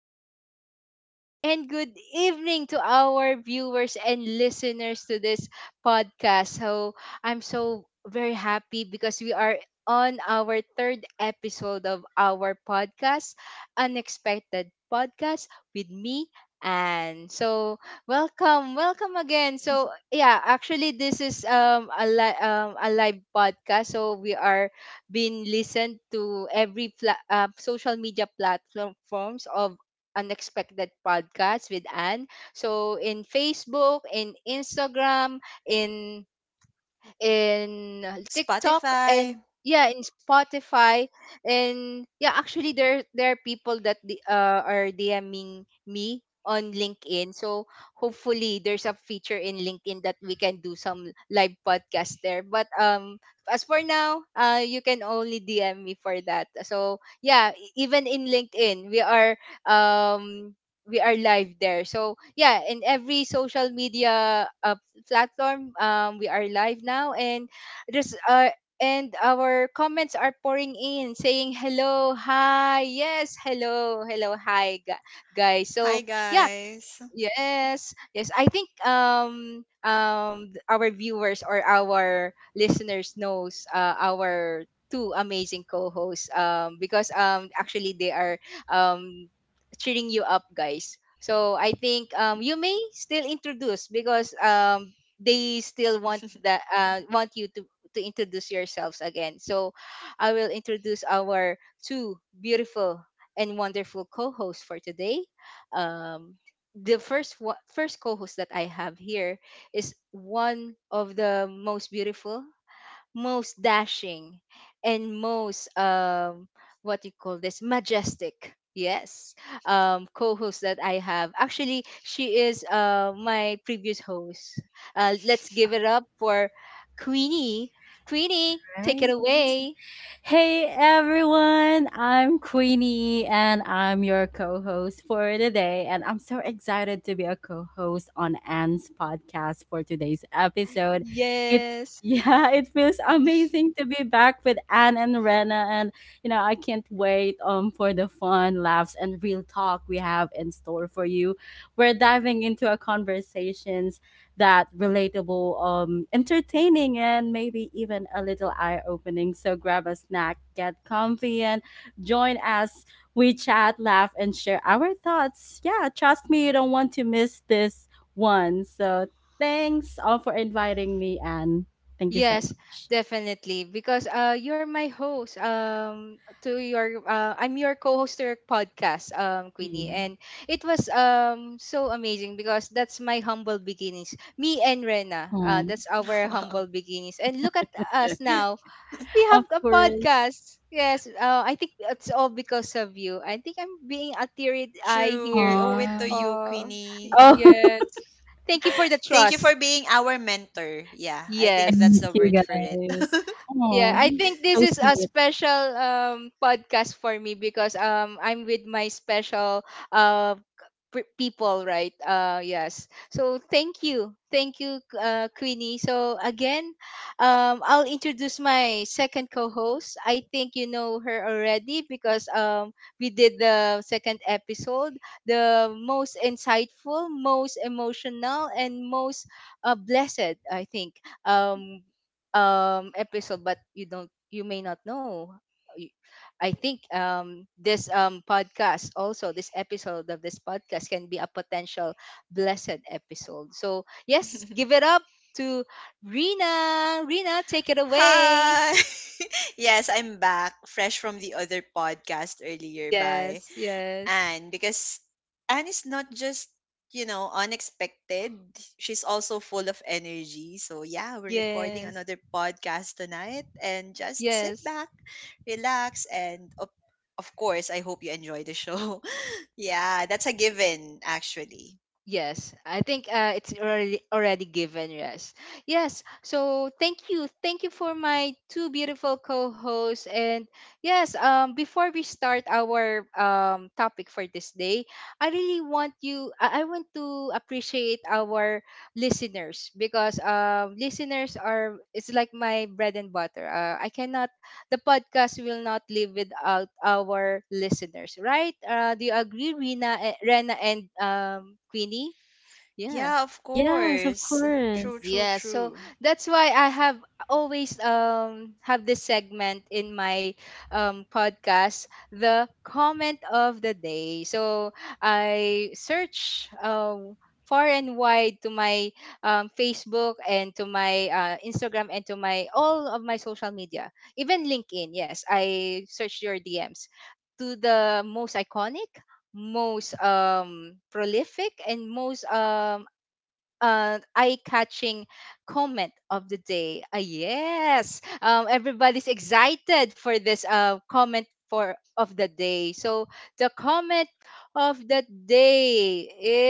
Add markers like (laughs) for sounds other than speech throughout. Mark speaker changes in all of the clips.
Speaker 1: good morning, and good evening to our viewers and listeners to this podcast. So, I'm so very happy because we are on our third episode of our podcast, Unexpected Podcast with me. And so Welcome, welcome again. So yeah, actually this is a live podcast. So we are being listened to social media platforms of Unexpected Podcast with Anne. So in Facebook, in Instagram, in TikTok,
Speaker 2: Spotify.
Speaker 1: and yeah, in Spotify, and yeah, actually there are people that are DMing me on LinkedIn, so hopefully there's a feature in LinkedIn that we can do some live podcast there, but as for now you can only DM me for that. So yeah, even in LinkedIn um we are live there. So yeah, in every social media platform. We are live now, and there's and our comments are pouring in, saying hello, hi, yes, hello, hello, hi, guys. So
Speaker 2: Hi,
Speaker 1: yeah,
Speaker 2: guys.
Speaker 1: yes, yes. I think our viewers or our listeners knows our two amazing co-hosts, because actually they are um cheering you up, guys. So I think you may still introduce, because they still want that want you to introduce yourselves again. So I will introduce our two beautiful and wonderful co-hosts for today. Um the first co-host that I have here is one of the most beautiful, most dashing, and most what you call this, majestic. Yes, co-host that I have. Actually, she is my previous host. Let's give it up for Queenie. Queenie, take it
Speaker 3: Right.
Speaker 1: away.
Speaker 3: Hey everyone, I'm Queenie and I'm your co host for today. And I'm so excited to be a co host on Anne's podcast for today's episode. It
Speaker 1: Yes.
Speaker 3: (laughs) yeah, it feels amazing
Speaker 2: (laughs)
Speaker 3: to be back with Anne and Rena and I can't wait for the fun, laughs and real talk we have in store for you. We're diving into a conversation that relatable, entertaining, and maybe even a little eye opening. So grab a snack, get comfy, and join us. We chat, laugh, and share our thoughts. Yeah, trust me, you don't want to miss this one. So thanks all for inviting me, and thank you so
Speaker 1: Yes,
Speaker 3: much.
Speaker 1: definitely. Because you're my host. To your I'm your co-host to your podcast, Queenie,
Speaker 3: Yeah.
Speaker 1: and it was so amazing because that's my humble beginnings. Me and Rena,
Speaker 3: Oh,
Speaker 1: that's our humble
Speaker 2: Wow.
Speaker 1: beginnings. And look at us now. We
Speaker 3: of
Speaker 1: have a
Speaker 3: course.
Speaker 1: podcast. Yes. I think it's all because of you. I think I'm being a teary eye
Speaker 2: True.
Speaker 1: here.
Speaker 2: We owe it to
Speaker 3: Um,
Speaker 2: you,
Speaker 1: Uh,
Speaker 2: Queenie.
Speaker 3: oh,
Speaker 1: yes. Thank you for the
Speaker 2: Thank you for
Speaker 1: trust.
Speaker 2: being our mentor. Yeah, I
Speaker 3: (laughs)
Speaker 2: think that's
Speaker 1: Yes.
Speaker 3: thank
Speaker 2: the
Speaker 3: you
Speaker 2: word for it.
Speaker 3: guys.
Speaker 1: Yeah, I
Speaker 3: Oh,
Speaker 1: think this
Speaker 3: so
Speaker 1: is a
Speaker 3: sweet.
Speaker 1: special podcast for me because I'm with my special uh people, right? Yes. So thank you. Thank you, Queenie. So again, I'll introduce my second co-host. I think you know her already because we did the second episode, the most insightful, most emotional, and most blessed, I think. Episode, but you may not know. Y- I think this podcast, also this episode of this podcast, can be a potential blessed episode. So yes, give it up to Rina. Rina, take it
Speaker 2: (laughs)
Speaker 1: away.
Speaker 2: Hi. (laughs) Yes, I'm back, fresh from the other podcast earlier. Bye.
Speaker 1: Yes, yes,
Speaker 2: Anne, because Anne is not just unexpected. She's also full of energy. So, yeah, we're recording
Speaker 1: yes,
Speaker 2: another podcast tonight and just sit
Speaker 1: yes.
Speaker 2: back, relax, and of course, I hope you enjoy the show. (laughs) Yeah, that's a given, actually.
Speaker 1: Yes, I think it's already given. Yes, yes. So thank you for my two beautiful co-hosts. And yes, before we start our topic for this day, I really want you. I want to appreciate our listeners, because listeners are, it's like my bread and butter. I cannot, the podcast will not live without our listeners, right? Do you agree, Rena, and Queenie? Yeah,
Speaker 2: Yeah, of
Speaker 3: Yes, of
Speaker 2: course. True,
Speaker 3: course.
Speaker 2: true,
Speaker 1: yeah, so
Speaker 2: true.
Speaker 1: that's why I have always have this segment in my podcast, the comment of the day. So I search far and wide to my Facebook, and to my Instagram, and to my all of my social media, even LinkedIn. Yes, I search your DMs to the most iconic, most prolific, and most eye-catching comment of the day. Ah, yes, everybody's excited for this comment for of the day. So the comment of the day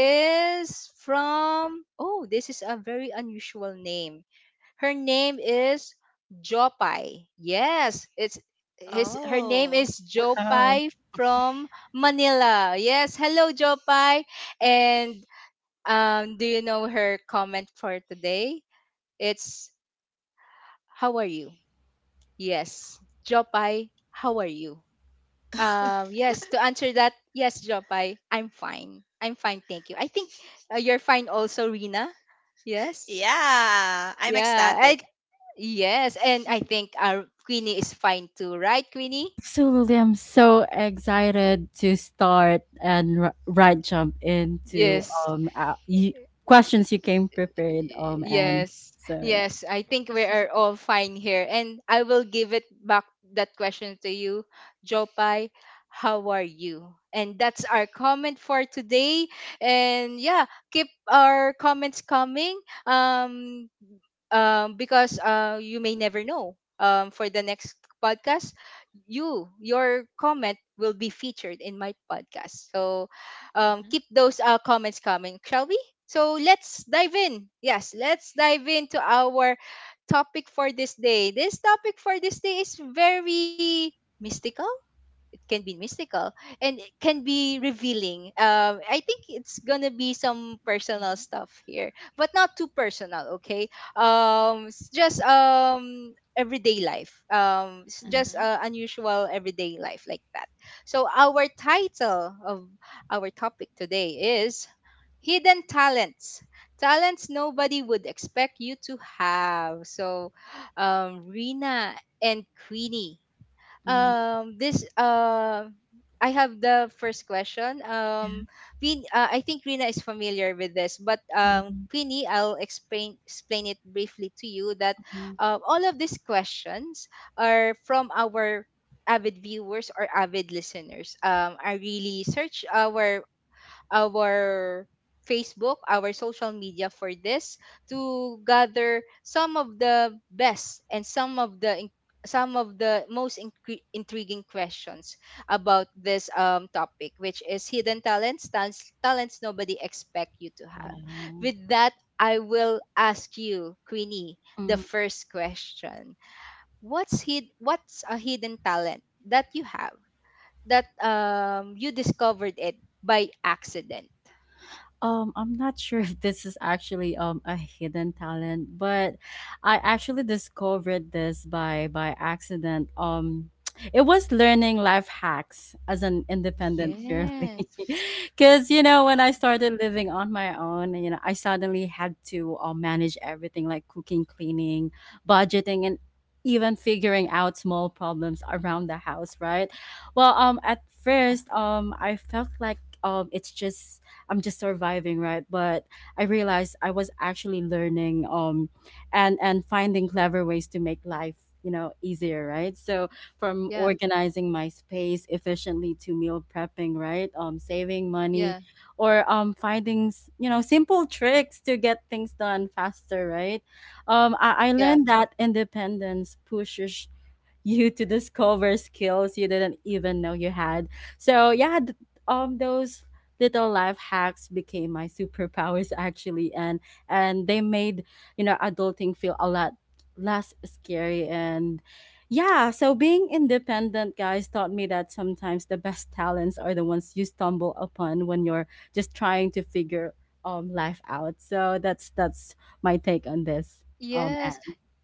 Speaker 1: is from, oh, this is a very unusual name. Her name is Jopai. Yes, it's his. Her name
Speaker 2: Oh.
Speaker 1: is
Speaker 3: Wow.
Speaker 1: Jopai from Manila. Yes, hello Jopai, and do you know her comment for today? It's how are you? Yes. Jopai, how are you?
Speaker 2: (laughs)
Speaker 1: Yes, to answer that, yes, Jopai, I'm fine. I'm fine, thank you. I think you're fine also, Rina. Yes.
Speaker 2: Yeah, I'm
Speaker 1: Yeah.
Speaker 2: ecstatic.
Speaker 1: I yes, and I think our Queenie is fine too, right, Queenie?
Speaker 3: Absolutely. I'm so
Speaker 1: Y-
Speaker 3: excited to start and right jump into
Speaker 1: Yes.
Speaker 3: um uh, y- questions you came prepared and
Speaker 1: Yes,
Speaker 3: so yeah.
Speaker 1: yes. I think we are all fine here. And I will give it back that question to you, Jopai. How are you? And that's our comment for today. And yeah, keep our comments coming. Um, because you may never know. For the next podcast, your comment will be featured in my podcast. So
Speaker 2: Hmm.
Speaker 1: keep those comments coming, shall we? So let's dive in. Yes, let's dive into our topic for this day. This topic for this day is very mystical, it can be mystical, and it can be revealing. I think it's gonna be some personal stuff here, but not too personal, okay? It's just everyday life. It's
Speaker 3: Mm,
Speaker 1: just
Speaker 2: Hmm.
Speaker 1: unusual everyday life, like that. So our title of our topic today is hidden talents, talents nobody would expect you to have. So Rena and Queenie,
Speaker 3: mm,
Speaker 1: this I have the first question.
Speaker 3: yeah.
Speaker 1: Queen, I think Rina is familiar with this, but
Speaker 3: Mm,
Speaker 1: Queenie, I'll explain it briefly to you that
Speaker 3: mm.
Speaker 1: all of these questions are from our avid viewers or avid listeners. I really search our Facebook, our social media for this, to gather some of the best and some of the most intriguing questions about this topic, which is hidden talents, talents, talents nobody expect you to have. With that, I will ask you, Queenie, the
Speaker 3: Wow.
Speaker 1: first question. What's a hidden talent that you have that you discovered it by accident?
Speaker 3: I'm not (laughs) sure if this is actually a hidden talent, but I actually discovered this by accident. (tsk) It was learning life hacks as an independent
Speaker 2: Hmm.
Speaker 3: girly,
Speaker 1: Yes.
Speaker 3: (laughs) because when I started living on my own, I suddenly had to manage everything like cooking, cleaning, budgeting, and even figuring out small problems around the house. Right. Well, at
Speaker 1: Yeah,
Speaker 3: first, I felt like it's just I'm just surviving, right? But I realized I was actually learning and finding clever ways to make life easier, right? So from
Speaker 1: yeah,
Speaker 3: organizing my space efficiently to meal prepping, right? Um, saving money
Speaker 1: yeah,
Speaker 3: or finding simple tricks to get things done faster, right? I
Speaker 1: yeah.
Speaker 3: learned that independence pushes you to discover skills you didn't even know you had. So yeah, those little life hacks became my superpowers (laughs) actually, and they made adulting feel a lot less scary. And yeah, so being independent guys taught me that sometimes the best talents are the ones you stumble upon when you're just trying to figure life out. So that's my take on this and
Speaker 1: Yes.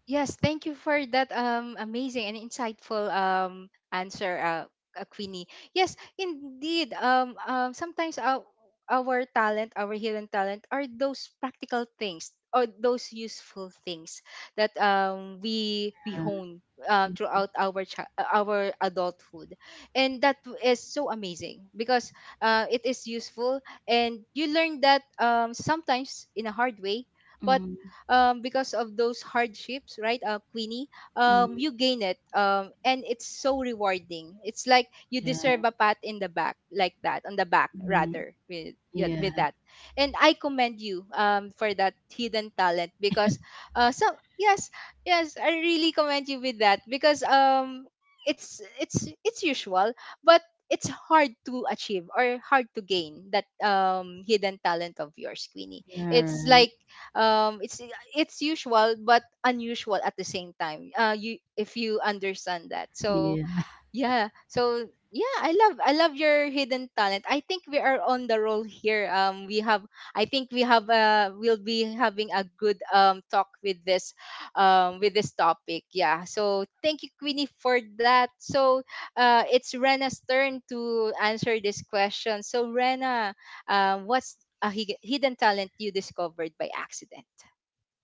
Speaker 1: Yes, thank you for that amazing and insightful answer, Queenie. Yes, indeed. Sometimes our talent, our hidden talent are those practical things or those useful things that um we hone throughout our adulthood. And that is so amazing because it is useful, and you learn that sometimes in a hard way, but
Speaker 3: mm,
Speaker 1: because of those hardships, right, Queenie,
Speaker 3: mm,
Speaker 1: you gain it. And it's so rewarding. It's like you deserve
Speaker 3: yeah.
Speaker 1: a pat in the back, like that, on the back,
Speaker 3: Mm-hmm.
Speaker 1: rather, with, yeah,
Speaker 3: Yeah,
Speaker 1: with that. And I commend you, for that hidden talent because, some, yes, yes, I really commend you with that, because it's usual, but it's hard to achieve or hard to gain that hidden talent of yours, Queenie.
Speaker 3: you're
Speaker 1: It's
Speaker 3: right.
Speaker 1: like um it's it's usual but unusual at the same time. You, if you understand that. So
Speaker 3: Yeah,
Speaker 1: yeah. So yeah, I love, I love your hidden talent. I think we are on the roll here. We have, I think we have, we'll be having a good talk with this topic. Yeah. So thank you, Queenie, for that. So it's Rena's turn to answer this question. So Rena, what's hidden talent you discovered by accident?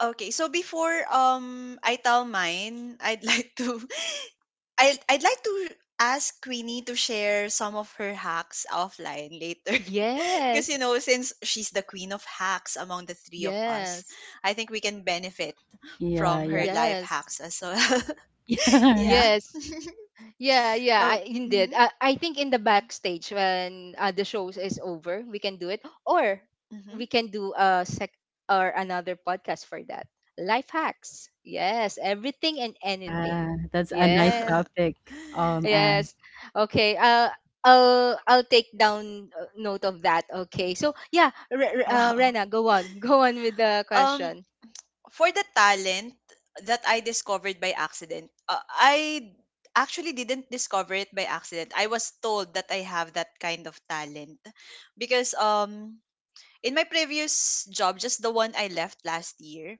Speaker 2: Okay, so before I tell mine, I'd (laughs) like to I'd like to ask Queenie to share some of her hacks offline later. (laughs) Because
Speaker 1: Yes.
Speaker 2: since she's the queen of hacks among the three of us,
Speaker 1: Yes.
Speaker 2: I think we can benefit
Speaker 3: yeah,
Speaker 2: from
Speaker 3: yeah,
Speaker 2: her life
Speaker 1: Yes.
Speaker 2: hacks as well.
Speaker 3: (laughs)
Speaker 2: (laughs)
Speaker 3: yeah,
Speaker 2: Yeah.
Speaker 1: Yes.
Speaker 2: (laughs)
Speaker 1: Yeah, yeah,
Speaker 2: Oh.
Speaker 1: I, indeed.
Speaker 2: Mm-hmm.
Speaker 1: I think in the backstage when the shows is over, we can do it, or
Speaker 2: Mm-hmm.
Speaker 1: we can do a sec or another podcast for that. Life hacks. Yes, everything and
Speaker 3: yeah.
Speaker 1: anything.
Speaker 3: That's a nice
Speaker 1: Yes,
Speaker 3: topic,
Speaker 2: (laughs)
Speaker 3: and
Speaker 1: yes. Okay. I'll take down note of that. Okay. So yeah,
Speaker 2: Wow.
Speaker 1: Rena, go on, (laughs) go on with the
Speaker 2: Um
Speaker 1: question.
Speaker 2: for the talent that I discovered by accident, I actually didn't discover it by accident. I was told that I have that kind of talent because in my previous job, just the one I left last year,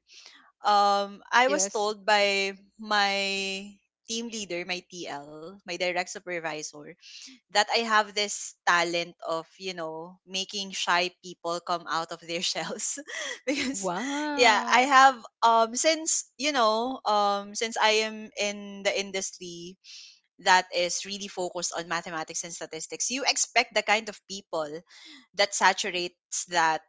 Speaker 2: I was
Speaker 1: Yes.
Speaker 2: told by my team leader, my TL, my direct supervisor, that I have this talent of making shy people come out of their (laughs) shells. (laughs) Because yeah, I
Speaker 1: Wow.
Speaker 2: have, since I am in the industry that is really focused on mathematics and statistics. You expect the kind of people that saturates that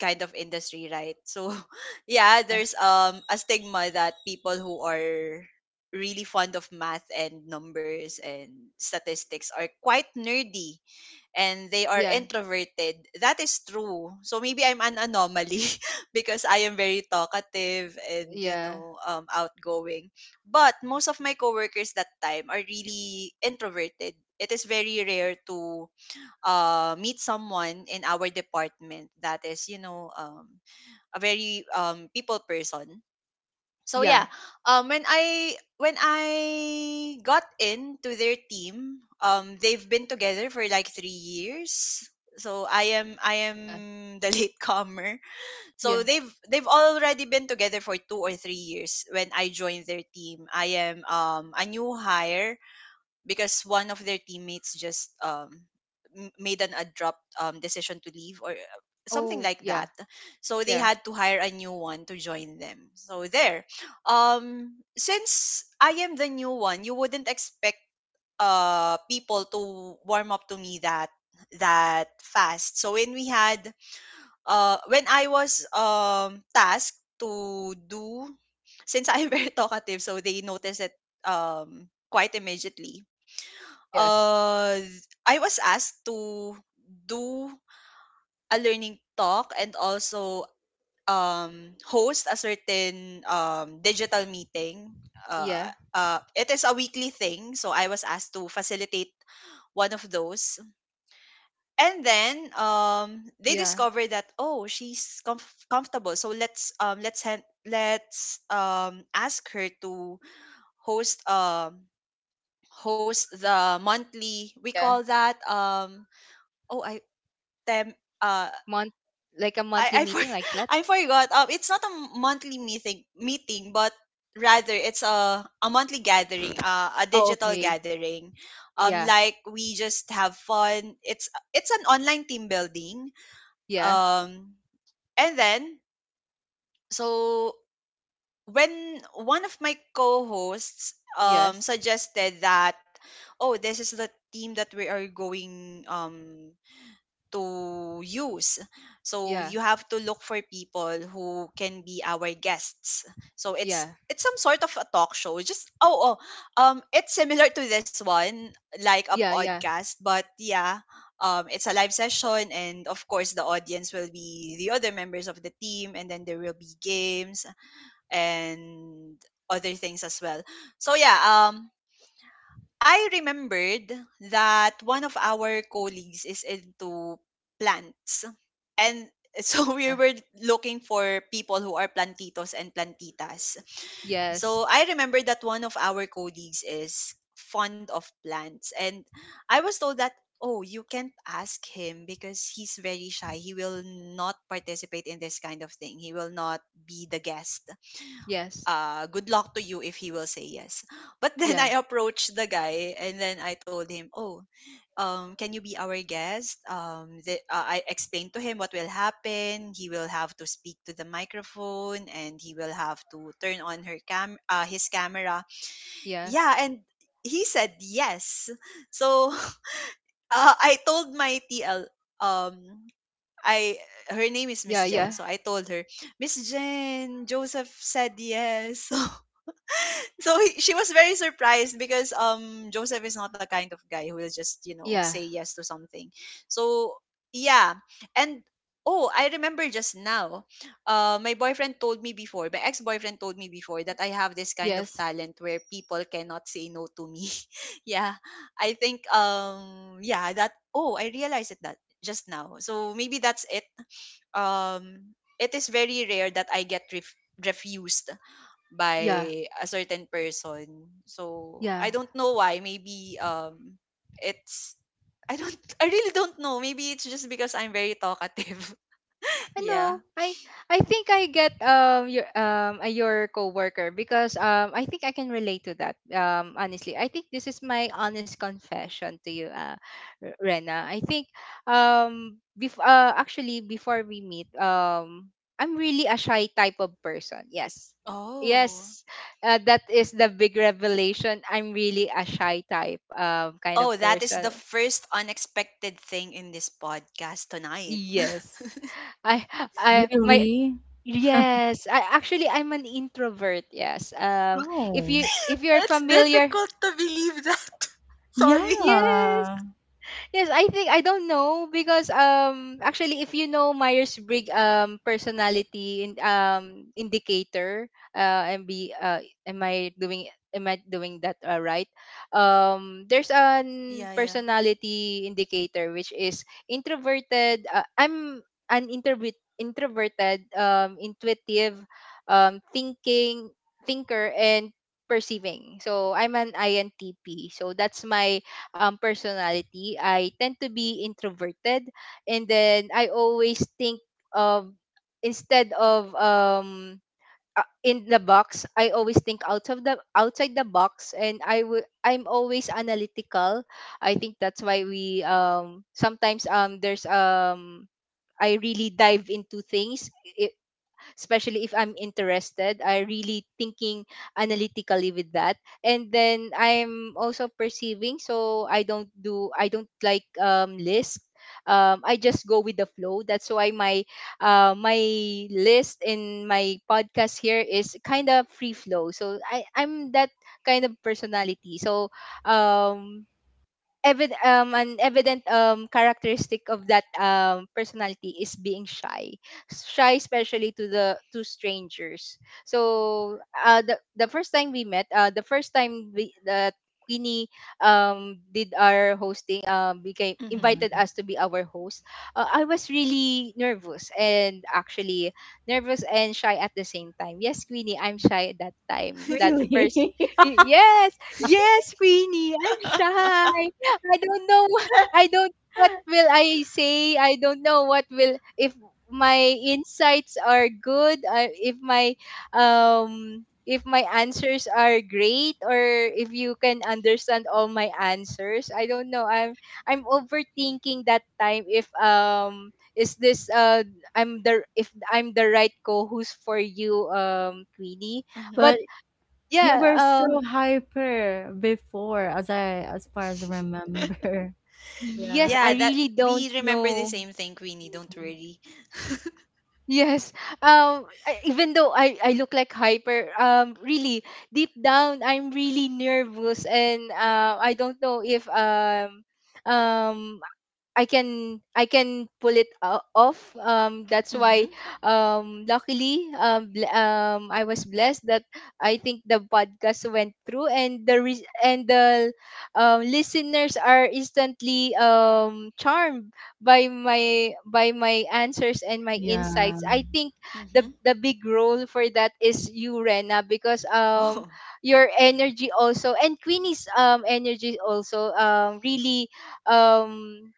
Speaker 2: kind of industry, right? So, (laughs) yeah,
Speaker 1: Yeah.
Speaker 2: there's a stigma that people who are really fond of math and numbers and statistics are quite nerdy, and they are
Speaker 1: Yeah.
Speaker 2: introverted. That is true. So maybe I'm an anomaly (laughs) because I am very talkative and
Speaker 1: Yeah.
Speaker 2: outgoing. But most of my coworkers that time are really introverted. It is very rare to meet someone in our department that is a very people person. So yeah,
Speaker 1: Yeah.
Speaker 2: when I got into their team. They've been together for like 3 years, so i am i
Speaker 1: Yeah.
Speaker 2: am the (laughs) latecomer. So
Speaker 1: Yeah.
Speaker 2: they've already been together for 2 or 3 years when I joined their team. I am a new hire because one of their teammates just made an abrupt decision to leave, or something
Speaker 1: Oh,
Speaker 2: like
Speaker 1: yeah.
Speaker 2: that. So they
Speaker 1: Yeah.
Speaker 2: had to hire a new one to join them. So there. Since I am the new one, you wouldn't expect people to warm up to me that fast. So when we had when I was tasked to do, since I'm (laughs) very talkative, so they noticed it, quite immediately.
Speaker 1: Yes.
Speaker 2: uh I was asked to do a learning talk and also host a certain digital meeting.
Speaker 1: Yeah.
Speaker 2: It is a weekly thing, so I was asked to facilitate one of those. And then, they
Speaker 1: Yeah.
Speaker 2: discovered that, oh, she's comfortable, so let's ask her to host um, host the monthly. We call
Speaker 1: Yeah,
Speaker 2: that, oh, I tem uh
Speaker 1: Month like a monthly
Speaker 2: I for,
Speaker 1: meeting like
Speaker 2: (laughs)
Speaker 1: that?
Speaker 2: I forgot. It's not a monthly meeting meeting, but rather it's a monthly gathering, a
Speaker 1: Oh,
Speaker 2: digital
Speaker 1: okay.
Speaker 2: gathering.
Speaker 1: Yeah.
Speaker 2: Like, we just have fun. it's an online team building.
Speaker 1: Yeah.
Speaker 2: Um, and then, so when one of my co-hosts
Speaker 1: Yes.
Speaker 2: suggested that, oh, this is the team that we are going to use. So
Speaker 1: Yeah.
Speaker 2: you have to look for people who can be our guests. So it's
Speaker 1: Yeah.
Speaker 2: it's some sort of a talk show. Just it's similar to this one, like a
Speaker 1: Yeah, yeah.
Speaker 2: podcast, but yeah, it's a live session, and of course the audience will be the other members of the team, and then there will be games and other things as well. So yeah, I remembered that one of our colleagues is into plants. And (laughs) so
Speaker 1: Yeah.
Speaker 2: we were looking for people who are plantitos and plantitas.
Speaker 1: Yes.
Speaker 2: So I remember that one of our colleagues is fond of plants. And I was told that, oh, you can't ask him because he's very shy. He will not participate in this kind of thing. He will not be the guest.
Speaker 1: Yes.
Speaker 2: Good luck to you if he will say yes. (gasps) But then
Speaker 1: Yeah.
Speaker 2: I approached the guy and then I told him, oh, can you be our guest? I explained to him what will happen. He will have to speak to the microphone and he will have to turn on his camera.
Speaker 1: Yeah.
Speaker 2: Yeah, and he said yes. So (laughs) I told my TL. Um, I Her name is Miss
Speaker 1: Yeah,
Speaker 2: Jen,
Speaker 1: yeah.
Speaker 2: so I told her, "Miss Jen, Joseph said yes." (laughs) So she was very surprised because Joseph is not the kind of guy who will just
Speaker 1: Yeah.
Speaker 2: say yes to something. So yeah, and oh, I remember just now, my boyfriend told me before, my ex boyfriend told me before, that I have this kind of
Speaker 1: Yes.
Speaker 2: talent where people cannot say no to me. (laughs) Yeah, I think, yeah, that, oh, I realized it that just now. So maybe that's it. Um, it is very rare that I get refused
Speaker 1: Yeah.
Speaker 2: by a certain person. So
Speaker 1: Yeah.
Speaker 2: I don't know why. Maybe it's I don't (laughs) I really don't know. Maybe it's just because I'm very talkative. (laughs)
Speaker 1: I
Speaker 2: Yeah.
Speaker 1: know. I think I get your coworker, because I think I can relate to that. Honestly, I think this is my honest confession to you, Rena. I think actually before we meet, I'm really a shy type of person. Yes.
Speaker 2: Oh.
Speaker 1: Yes, that is the big revelation. I'm really a shy type kind of
Speaker 2: Oh, that is the
Speaker 1: person.
Speaker 2: first unexpected thing in this podcast tonight. (laughs)
Speaker 1: Yes. I I my
Speaker 3: really,
Speaker 1: Yes, I actually I'm an introvert. Yes.
Speaker 3: oh,
Speaker 1: If you're
Speaker 2: It's
Speaker 1: familiar,
Speaker 2: difficult to believe that. (laughs) Sorry.
Speaker 1: yes.
Speaker 3: yeah,
Speaker 1: Yes, I think I don't know because actually if you know Myers-Briggs personality indicator, and be am I doing, am I doing that right? There's an
Speaker 2: Yeah, yeah.
Speaker 1: personality indicator which is introverted, I'm an introvert introverted, intuitive, thinking thinker, and perceiving. So I'm an INTP. So that's my personality. I tend to be introverted, and then I always think of, instead of in the box, I always think outside the box, and I'm always analytical. I think that's why we sometimes there's I really dive into things especially if I'm interested. I really thinking analytically with that. And then I'm also perceiving, so I don't like list. I just go with the flow. That's why my my list in my podcast here is kind of free flow. So I'm that kind of personality. So um an evident characteristic of that personality is being shy especially to strangers. So the first time we met, the first time we that Queenie did our hosting, became
Speaker 3: yeah,
Speaker 2: Mhm.
Speaker 1: invited us to be our host. I was really nervous, and actually nervous and shy at the same time. Yes, Queenie, I'm shy at that time, that
Speaker 2: (laughs)
Speaker 1: first
Speaker 3: really.
Speaker 1: y-
Speaker 3: (laughs)
Speaker 1: yes yes, Queenie, I'm shy. I don't know. I don't what will I say. I don't know what will if my insights are good. If my if my answers are great, or if you can understand all my answers. I don't know. I'm overthinking that time. If is this I'm the if I'm the right co-host for you, Queenie.
Speaker 2: Mhm.
Speaker 1: But
Speaker 3: But you
Speaker 1: yeah.
Speaker 3: were so hyper before, as as far as I remember. (laughs)
Speaker 1: Yes.
Speaker 3: Yeah,
Speaker 1: I
Speaker 2: Yeah, that
Speaker 1: really don't
Speaker 2: we remember the
Speaker 1: know.
Speaker 2: same thing, Queenie. Don't worry.
Speaker 1: Yes. Even though I look like hyper, really deep down I'm really nervous, and I don't know if um I can pull it off. That's why,
Speaker 2: Mhm.
Speaker 1: luckily, I was blessed that I think the podcast went through, and the listeners are instantly charmed by my answers and my
Speaker 3: yeah.
Speaker 1: insights. I think the
Speaker 2: Mhm.
Speaker 1: big role for that is you, Rena, because
Speaker 2: Oh.
Speaker 1: your energy also and Queenie's energy also really um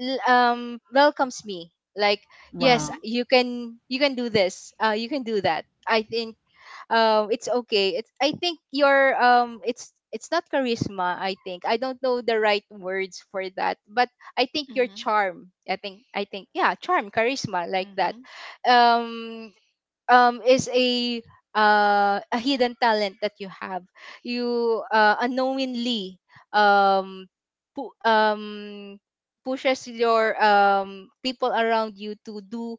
Speaker 1: welcomes me like, yes,
Speaker 3: Wow,
Speaker 2: Mm-hmm.
Speaker 1: you can, you can do this, you can do that. I think it's okay, it's, I think your it's not charisma, I think. I don't know the right words for that, but I think your
Speaker 2: Mm-hmm.
Speaker 1: charm. I think, I think, yeah, charm, charisma, like that.
Speaker 2: Mm-hmm.
Speaker 1: um is a hidden talent that you have, you, unknowingly, um pu- um pushes your people around you to do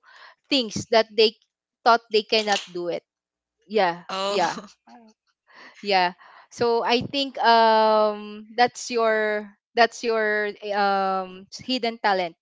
Speaker 1: things that they thought they cannot do it. Yeah,
Speaker 2: Oh.
Speaker 1: yeah. So I think that's your, that's your hidden talent,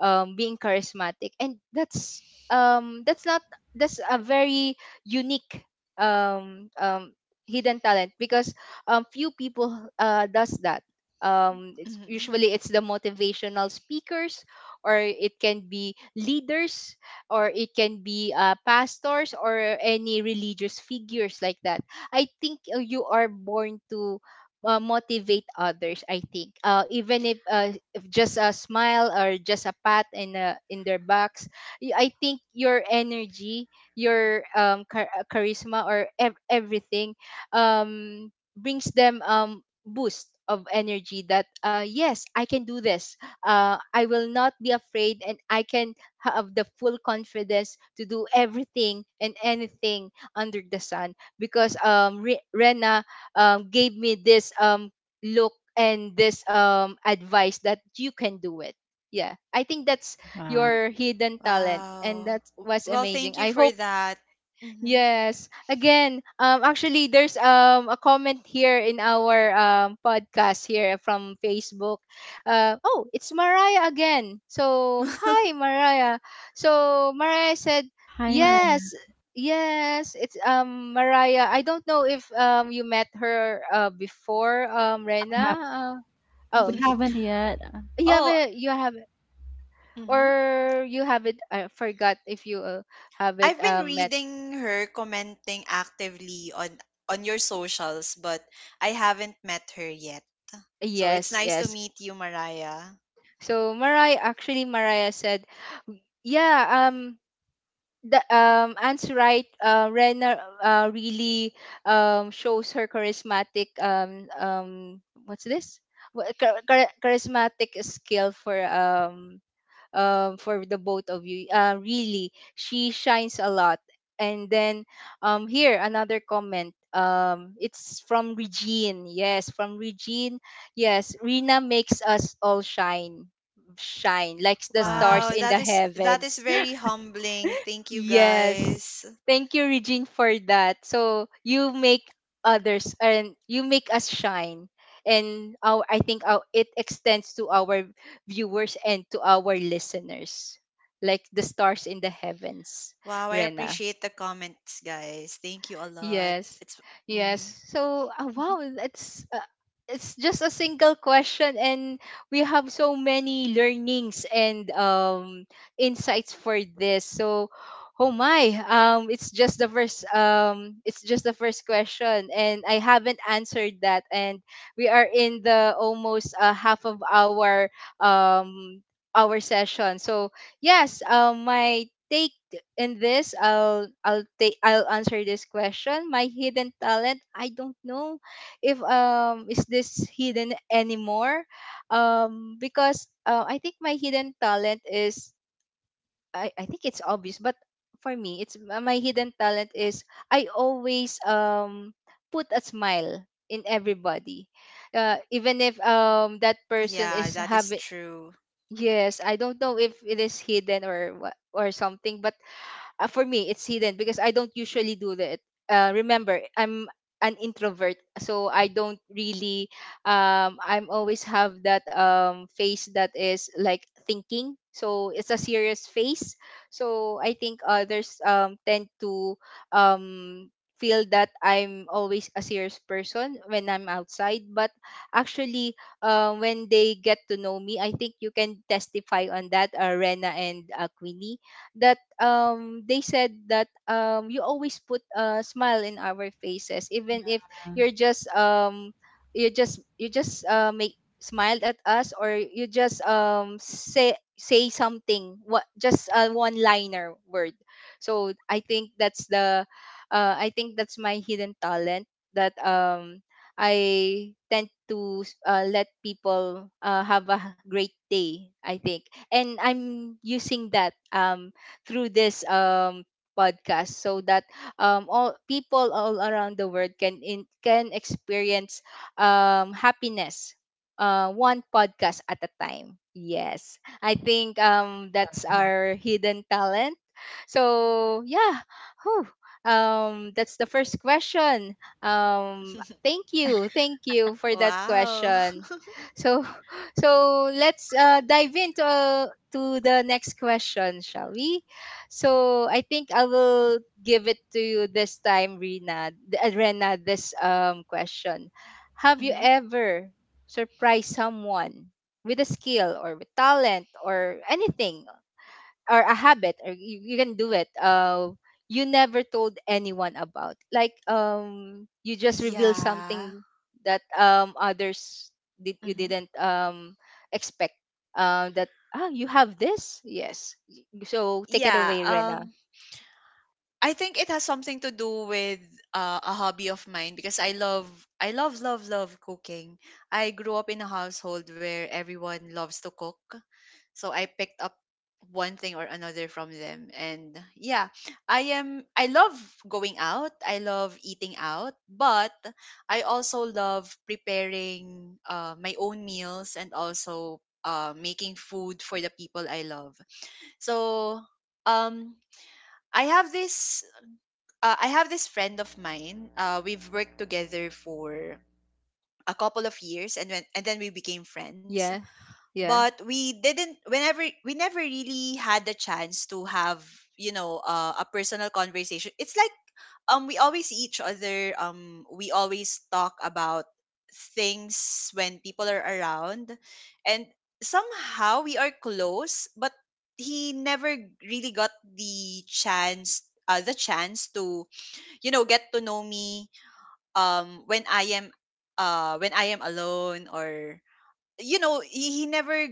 Speaker 1: being charismatic. And that's not, that's a very unique um um hidden talent because few people does that.
Speaker 2: (laughs)
Speaker 1: It's
Speaker 2: Mm-hmm.
Speaker 1: usually it's the motivational speakers, or it can be leaders, or it can be pastors, or any religious figures like that. I think you are born to motivate others. I think, even if just a smile or just a pat in, in their backs, I think your energy, your charisma, or everything, um brings them boost of energy that, yes, I can do this. I will not be afraid, and I can have the full confidence to do everything and anything under the sun, because Rena gave me this look and this advice that you can do it. Yeah, I think that's
Speaker 3: wow.
Speaker 1: your hidden talent, and
Speaker 2: Wow.
Speaker 1: that was
Speaker 2: Well,
Speaker 1: amazing.
Speaker 2: thank you
Speaker 1: I
Speaker 2: for
Speaker 1: hope
Speaker 2: that. Mm-hmm.
Speaker 1: Yes. Again, actually there's a comment here in our podcast here from Facebook. Uh oh, it's Mariah again. So,
Speaker 2: (laughs)
Speaker 1: hi Mariah. So, Mariah said,
Speaker 3: Hi, Maria.
Speaker 1: "Yes. Yes, it's Mariah. I don't know if you met her before,
Speaker 3: I'm
Speaker 1: Rena.
Speaker 3: ha- we
Speaker 1: Oh,
Speaker 2: Hmm.
Speaker 1: you,
Speaker 3: haven't yet.
Speaker 2: Oh,
Speaker 1: you have it,
Speaker 2: mm-hmm.
Speaker 1: or you have it. I forgot if you, have it
Speaker 2: I've been
Speaker 1: met.
Speaker 2: reading her commenting actively on your socials, but I haven't met her yet. So it's
Speaker 1: Yes,
Speaker 2: nice to
Speaker 1: yes.
Speaker 2: meet you, Mariah.
Speaker 1: So Mariah, actually Mariah said, yeah, the Anne's right, Rena really shows her charismatic what's this? Charismatic skill for the both of you. Really, she shines a lot. And then here, another comment. It's from Regine. Yes, from Regine. Yes, Rina makes us all shine, shine like the
Speaker 3: Wow.
Speaker 1: stars
Speaker 2: Wow,
Speaker 1: in the
Speaker 2: that is
Speaker 1: heavens.
Speaker 2: very humbling. Thank you,
Speaker 1: Yes.
Speaker 2: guys.
Speaker 1: Thank you, Regine, for that. So you make others and you make us shine. And our, I think our, it extends to our viewers and to our listeners, like the stars in the heavens,
Speaker 2: Wow, I
Speaker 1: Rena.
Speaker 2: appreciate the comments, guys. Thank you a lot.
Speaker 1: Yes.
Speaker 2: It's,
Speaker 1: Yes.
Speaker 2: mm-hmm.
Speaker 1: So,
Speaker 2: (laughs)
Speaker 1: wow, it's just a single question, and we have so many learnings and insights for this. So, oh my, it's just the first question, and I haven't answered that, and we are in the almost, half of um our session. So, yes, my take in this, I'll answer this question. My hidden talent, I don't know if is this hidden anymore, because, I think my hidden talent is I think it's obvious, but for me it's, my hidden talent is I always put a smile in everybody, even if that person
Speaker 2: Yeah,
Speaker 1: is
Speaker 2: that is
Speaker 1: having
Speaker 2: true.
Speaker 1: Yes, I don't know if it is hidden or what or something, but, for me it's hidden because I don't usually do that. Remember, I'm an introvert, so I don't really I'm always have that face that is like thinking, so it's a serious face. So I think others tend to um feel that I'm always a serious person when I'm outside, but actually, when they get to know me, I think you can testify on that, Rena, and, Queenie, that they said that you always put a smile in our faces, even if you're just you just make smiled at us, or you just say, say something, what, just a one liner word. So I think that's the, I think that's my hidden talent, that I tend to, let people, have a great day, I think. And I'm using that through this podcast, so that all people all around the world can in, can experience happiness, one podcast at a time. Yes, I think that's our hidden talent. So yeah, whew, that's the first question. um
Speaker 2: (laughs)
Speaker 1: Thank you, thank you for that
Speaker 2: Wow.
Speaker 1: question.
Speaker 2: (laughs)
Speaker 1: So (laughs) so let's dive into, to the next question, shall we. So I think I will give it to you this time, Rena. Rena, this question: Have you
Speaker 2: Hmm.
Speaker 1: ever surprised someone with a skill, or with talent, or anything, or a habit, or you can do it? You never told anyone about. Like, you just reveal
Speaker 2: Yeah.
Speaker 1: something that others did you
Speaker 2: Hmm.
Speaker 1: didn't expect. That ah, you have this. Yes. So take it
Speaker 2: Yeah.
Speaker 1: away, Rena.
Speaker 2: I think it has something to do with a hobby of mine, because I love, love, love cooking. I grew up in a household where everyone loves to cook. So I picked up one thing or another from them. And yeah, I love going out. I love eating out, but I also love preparing my own meals, and also making food for the people I love. So um I have this I have this friend of mine. We've worked together for a couple of years, and when and then we became friends,
Speaker 1: Yeah. Yeah.
Speaker 2: but we didn't whenever we never really had the chance to have, a personal conversation. It's like, we always see each other, we always talk about things when people are around, and somehow we are close, but he never really got the chance to get to know me, when I am alone, or, he never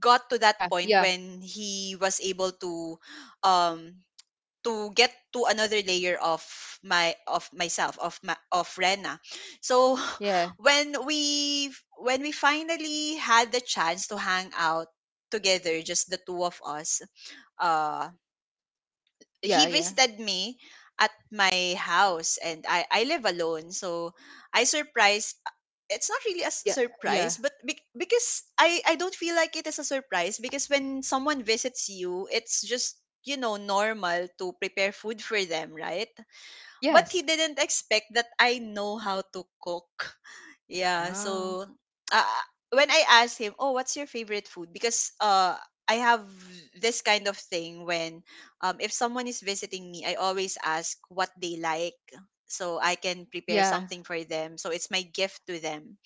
Speaker 2: got to
Speaker 1: Yeah.
Speaker 2: that point
Speaker 1: Yeah.
Speaker 2: when he was able um to get to another layer of my of myself, of Rena. So
Speaker 1: Yeah.
Speaker 2: (laughs) when we when we finally had the chance to hang out together, just the two of us. uh
Speaker 1: Yeah.
Speaker 2: he
Speaker 1: Yeah.
Speaker 2: visited me at my house, and I live alone. So I surprised — it's not really a
Speaker 1: Yeah. Yeah.
Speaker 2: surprise, but because I don't feel like it is a surprise. Because when someone visits you, it's just normal to prepare food for them, right? But
Speaker 1: Yes.
Speaker 2: he didn't expect that I know how to cook. (laughs) Yeah,
Speaker 1: Wow.
Speaker 2: so uh, when I asked him, "Oh, what's your favorite food?" Because I have this kind of thing, when if someone is visiting me, I always ask what they like, so I can prepare
Speaker 1: Yeah.
Speaker 2: something for them. So it's my gift to them.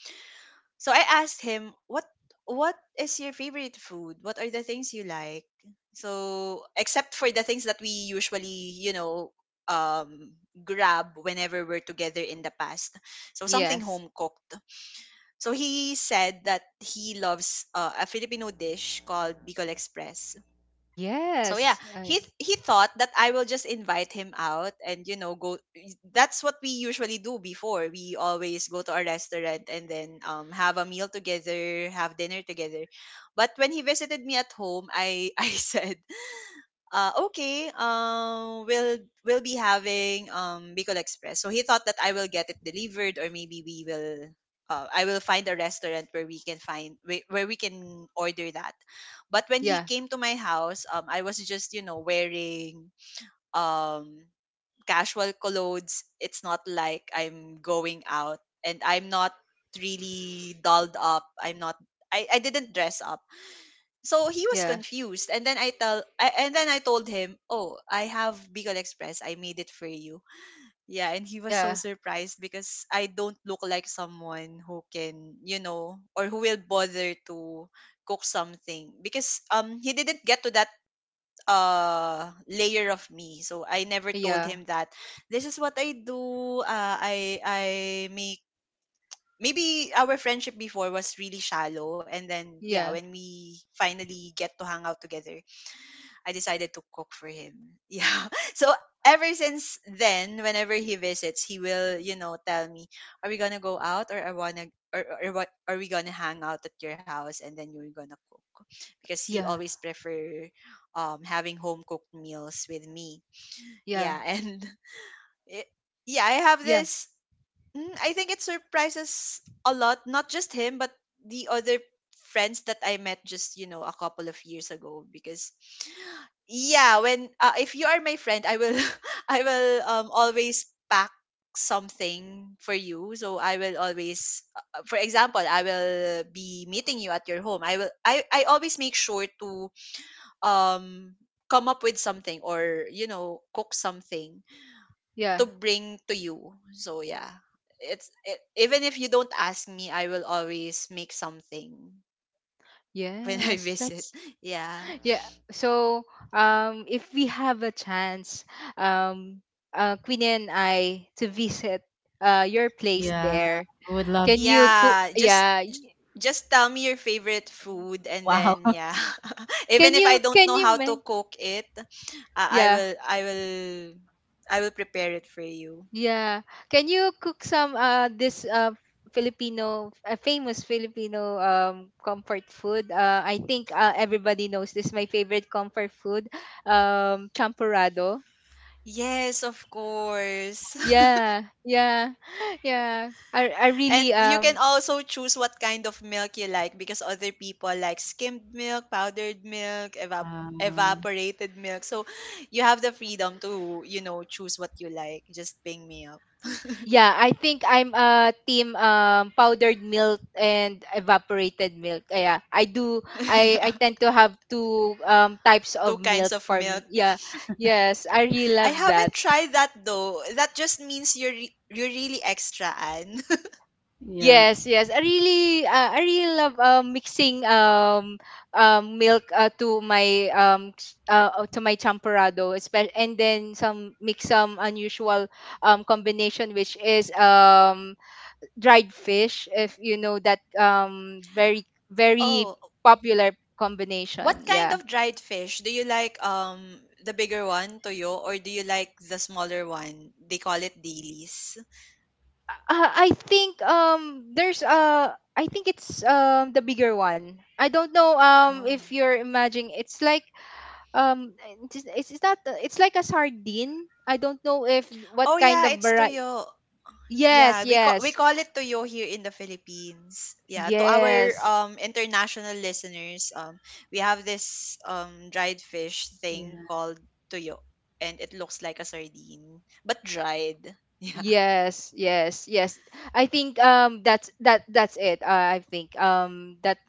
Speaker 2: So I asked him, "What is your favorite food? What are the things you like?" So, except for the things that we usually, um grab whenever we're together in the past. So, something
Speaker 1: Yes.
Speaker 2: home cooked. So he said that he loves a Filipino dish called Bicol Express. So yeah,
Speaker 1: Yes. I,
Speaker 2: he thought that I will just invite him out and, you know, go. That's what we usually do before. We always go to a restaurant and then have a meal together, have dinner together. But when he visited me at home, I (laughs) I said, "Okay, we'll be having bicol express." So he thought that I will get it delivered or maybe we will, I will find a restaurant where we can find, where we can order that. But when he
Speaker 1: yeah.
Speaker 2: came to my house, I was just, you know, wearing um casual clothes. It's not like I'm going out, and I'm not really dolled up. I'm not, I didn't dress up. So he was
Speaker 1: Yeah.
Speaker 2: confused. And then I told him, "Oh, I have Bicol Express. I made it for you." Yeah, and he was so surprised because I don't look like someone who can, you know, or who will bother to cook something, because he didn't get to that layer of me, so I never told
Speaker 1: Yeah.
Speaker 2: him that this is what I do. I make. Maybe our friendship before was really shallow, and then yeah,
Speaker 1: Yeah.
Speaker 2: when we finally get to hang out together, I decided to cook for him. (laughs) Yeah. So ever since then, whenever he visits, he will, you know, tell me, "Are we gonna go out, or I wanna, or what? Are we gonna hang out at your house, and then you're gonna cook?" Because he
Speaker 1: Yeah.
Speaker 2: always prefer, having home cooked meals with me.
Speaker 1: Yeah.
Speaker 2: Yeah, and (laughs) it, yeah, I have
Speaker 1: Yeah. Yeah.
Speaker 2: this. I think it surprises a lot, not just him, but the other friends that I met just, you know, a couple of years ago. Because yeah, when if you are my friend, I will (laughs) I will always pack something for you. So I will always, for example, I will be meeting you at your home, I will, I always make sure to um come up with something, or you know, cook something
Speaker 1: Yeah.
Speaker 2: to bring to you. So yeah, even if you don't ask me, I will always make something (laughs) when I
Speaker 1: Yes.
Speaker 2: visit.
Speaker 1: That's
Speaker 2: Yeah.
Speaker 1: (laughs) yeah. So if we have a chance, um Queenie and I to visit your place
Speaker 3: Yeah,
Speaker 1: there,
Speaker 3: would love.
Speaker 1: can you cook?
Speaker 2: Yeah, just
Speaker 1: Yeah,
Speaker 2: just tell me your favorite food and
Speaker 3: Wow.
Speaker 2: then yeah.
Speaker 3: (laughs)
Speaker 2: (laughs) Even
Speaker 1: can
Speaker 2: if I
Speaker 1: you,
Speaker 2: don't
Speaker 1: can
Speaker 2: know
Speaker 1: you
Speaker 2: how to
Speaker 1: make
Speaker 2: cook it, I
Speaker 1: Yeah,
Speaker 2: will I will I will prepare it for you.
Speaker 1: yeah, can you cook some, this, Filipino, a famous Filipino comfort food, I think, everybody knows this, my favorite comfort food, champurrado.
Speaker 2: Yes, of course. (laughs)
Speaker 1: Yeah, yeah (laughs) yeah, I really
Speaker 2: And you can also choose what kind of milk you like, because other people like skimmed milk, powdered milk,
Speaker 3: Wow.
Speaker 2: evaporated milk. So you have the freedom to, you know, choose what you like. Just ping me up.
Speaker 1: Yeah, I think I'm a team powdered milk and evaporated milk. Yeah, I do.
Speaker 2: (laughs)
Speaker 1: I
Speaker 2: Yeah.
Speaker 1: tend to have two types
Speaker 2: Two
Speaker 1: of
Speaker 2: kinds
Speaker 1: milk
Speaker 2: of
Speaker 1: for me.
Speaker 2: milk.
Speaker 1: Yeah, yes, I really
Speaker 2: I
Speaker 1: love
Speaker 2: haven't
Speaker 1: that.
Speaker 2: tried that though. That just means you're you're really extra, Anne.
Speaker 3: Yeah.
Speaker 1: Yes, yes. I really, I really love, mixing milk, to my to my champorado, and then some mix some unusual combination, which is dried fish, if you know that, very,
Speaker 2: (laughs)
Speaker 1: very
Speaker 2: Oh,
Speaker 1: popular
Speaker 2: what
Speaker 1: combination.
Speaker 2: kind of
Speaker 1: Yeah,
Speaker 2: dried fish do you like? The bigger one, toyo, or do you like the smaller one? They call it dailies.
Speaker 1: I think there's I think it's the bigger one. I don't know,
Speaker 2: Oh,
Speaker 1: if you're imagining, it's like um it's it's not, it's like a sardine. I don't know if what
Speaker 2: oh
Speaker 1: kind
Speaker 2: yeah,
Speaker 1: of
Speaker 2: it's
Speaker 1: variety.
Speaker 2: toyo.
Speaker 1: Yes,
Speaker 2: Yeah, we
Speaker 1: yes,
Speaker 2: call it toyo here in the Philippines. Yeah, to our
Speaker 1: yes.
Speaker 2: international listeners, we have this dried fish thing
Speaker 3: Yeah.
Speaker 2: called toyo, and it looks like a sardine but dried. (laughs)
Speaker 1: Yes, yes, yes. I think that's that, that's it. I think that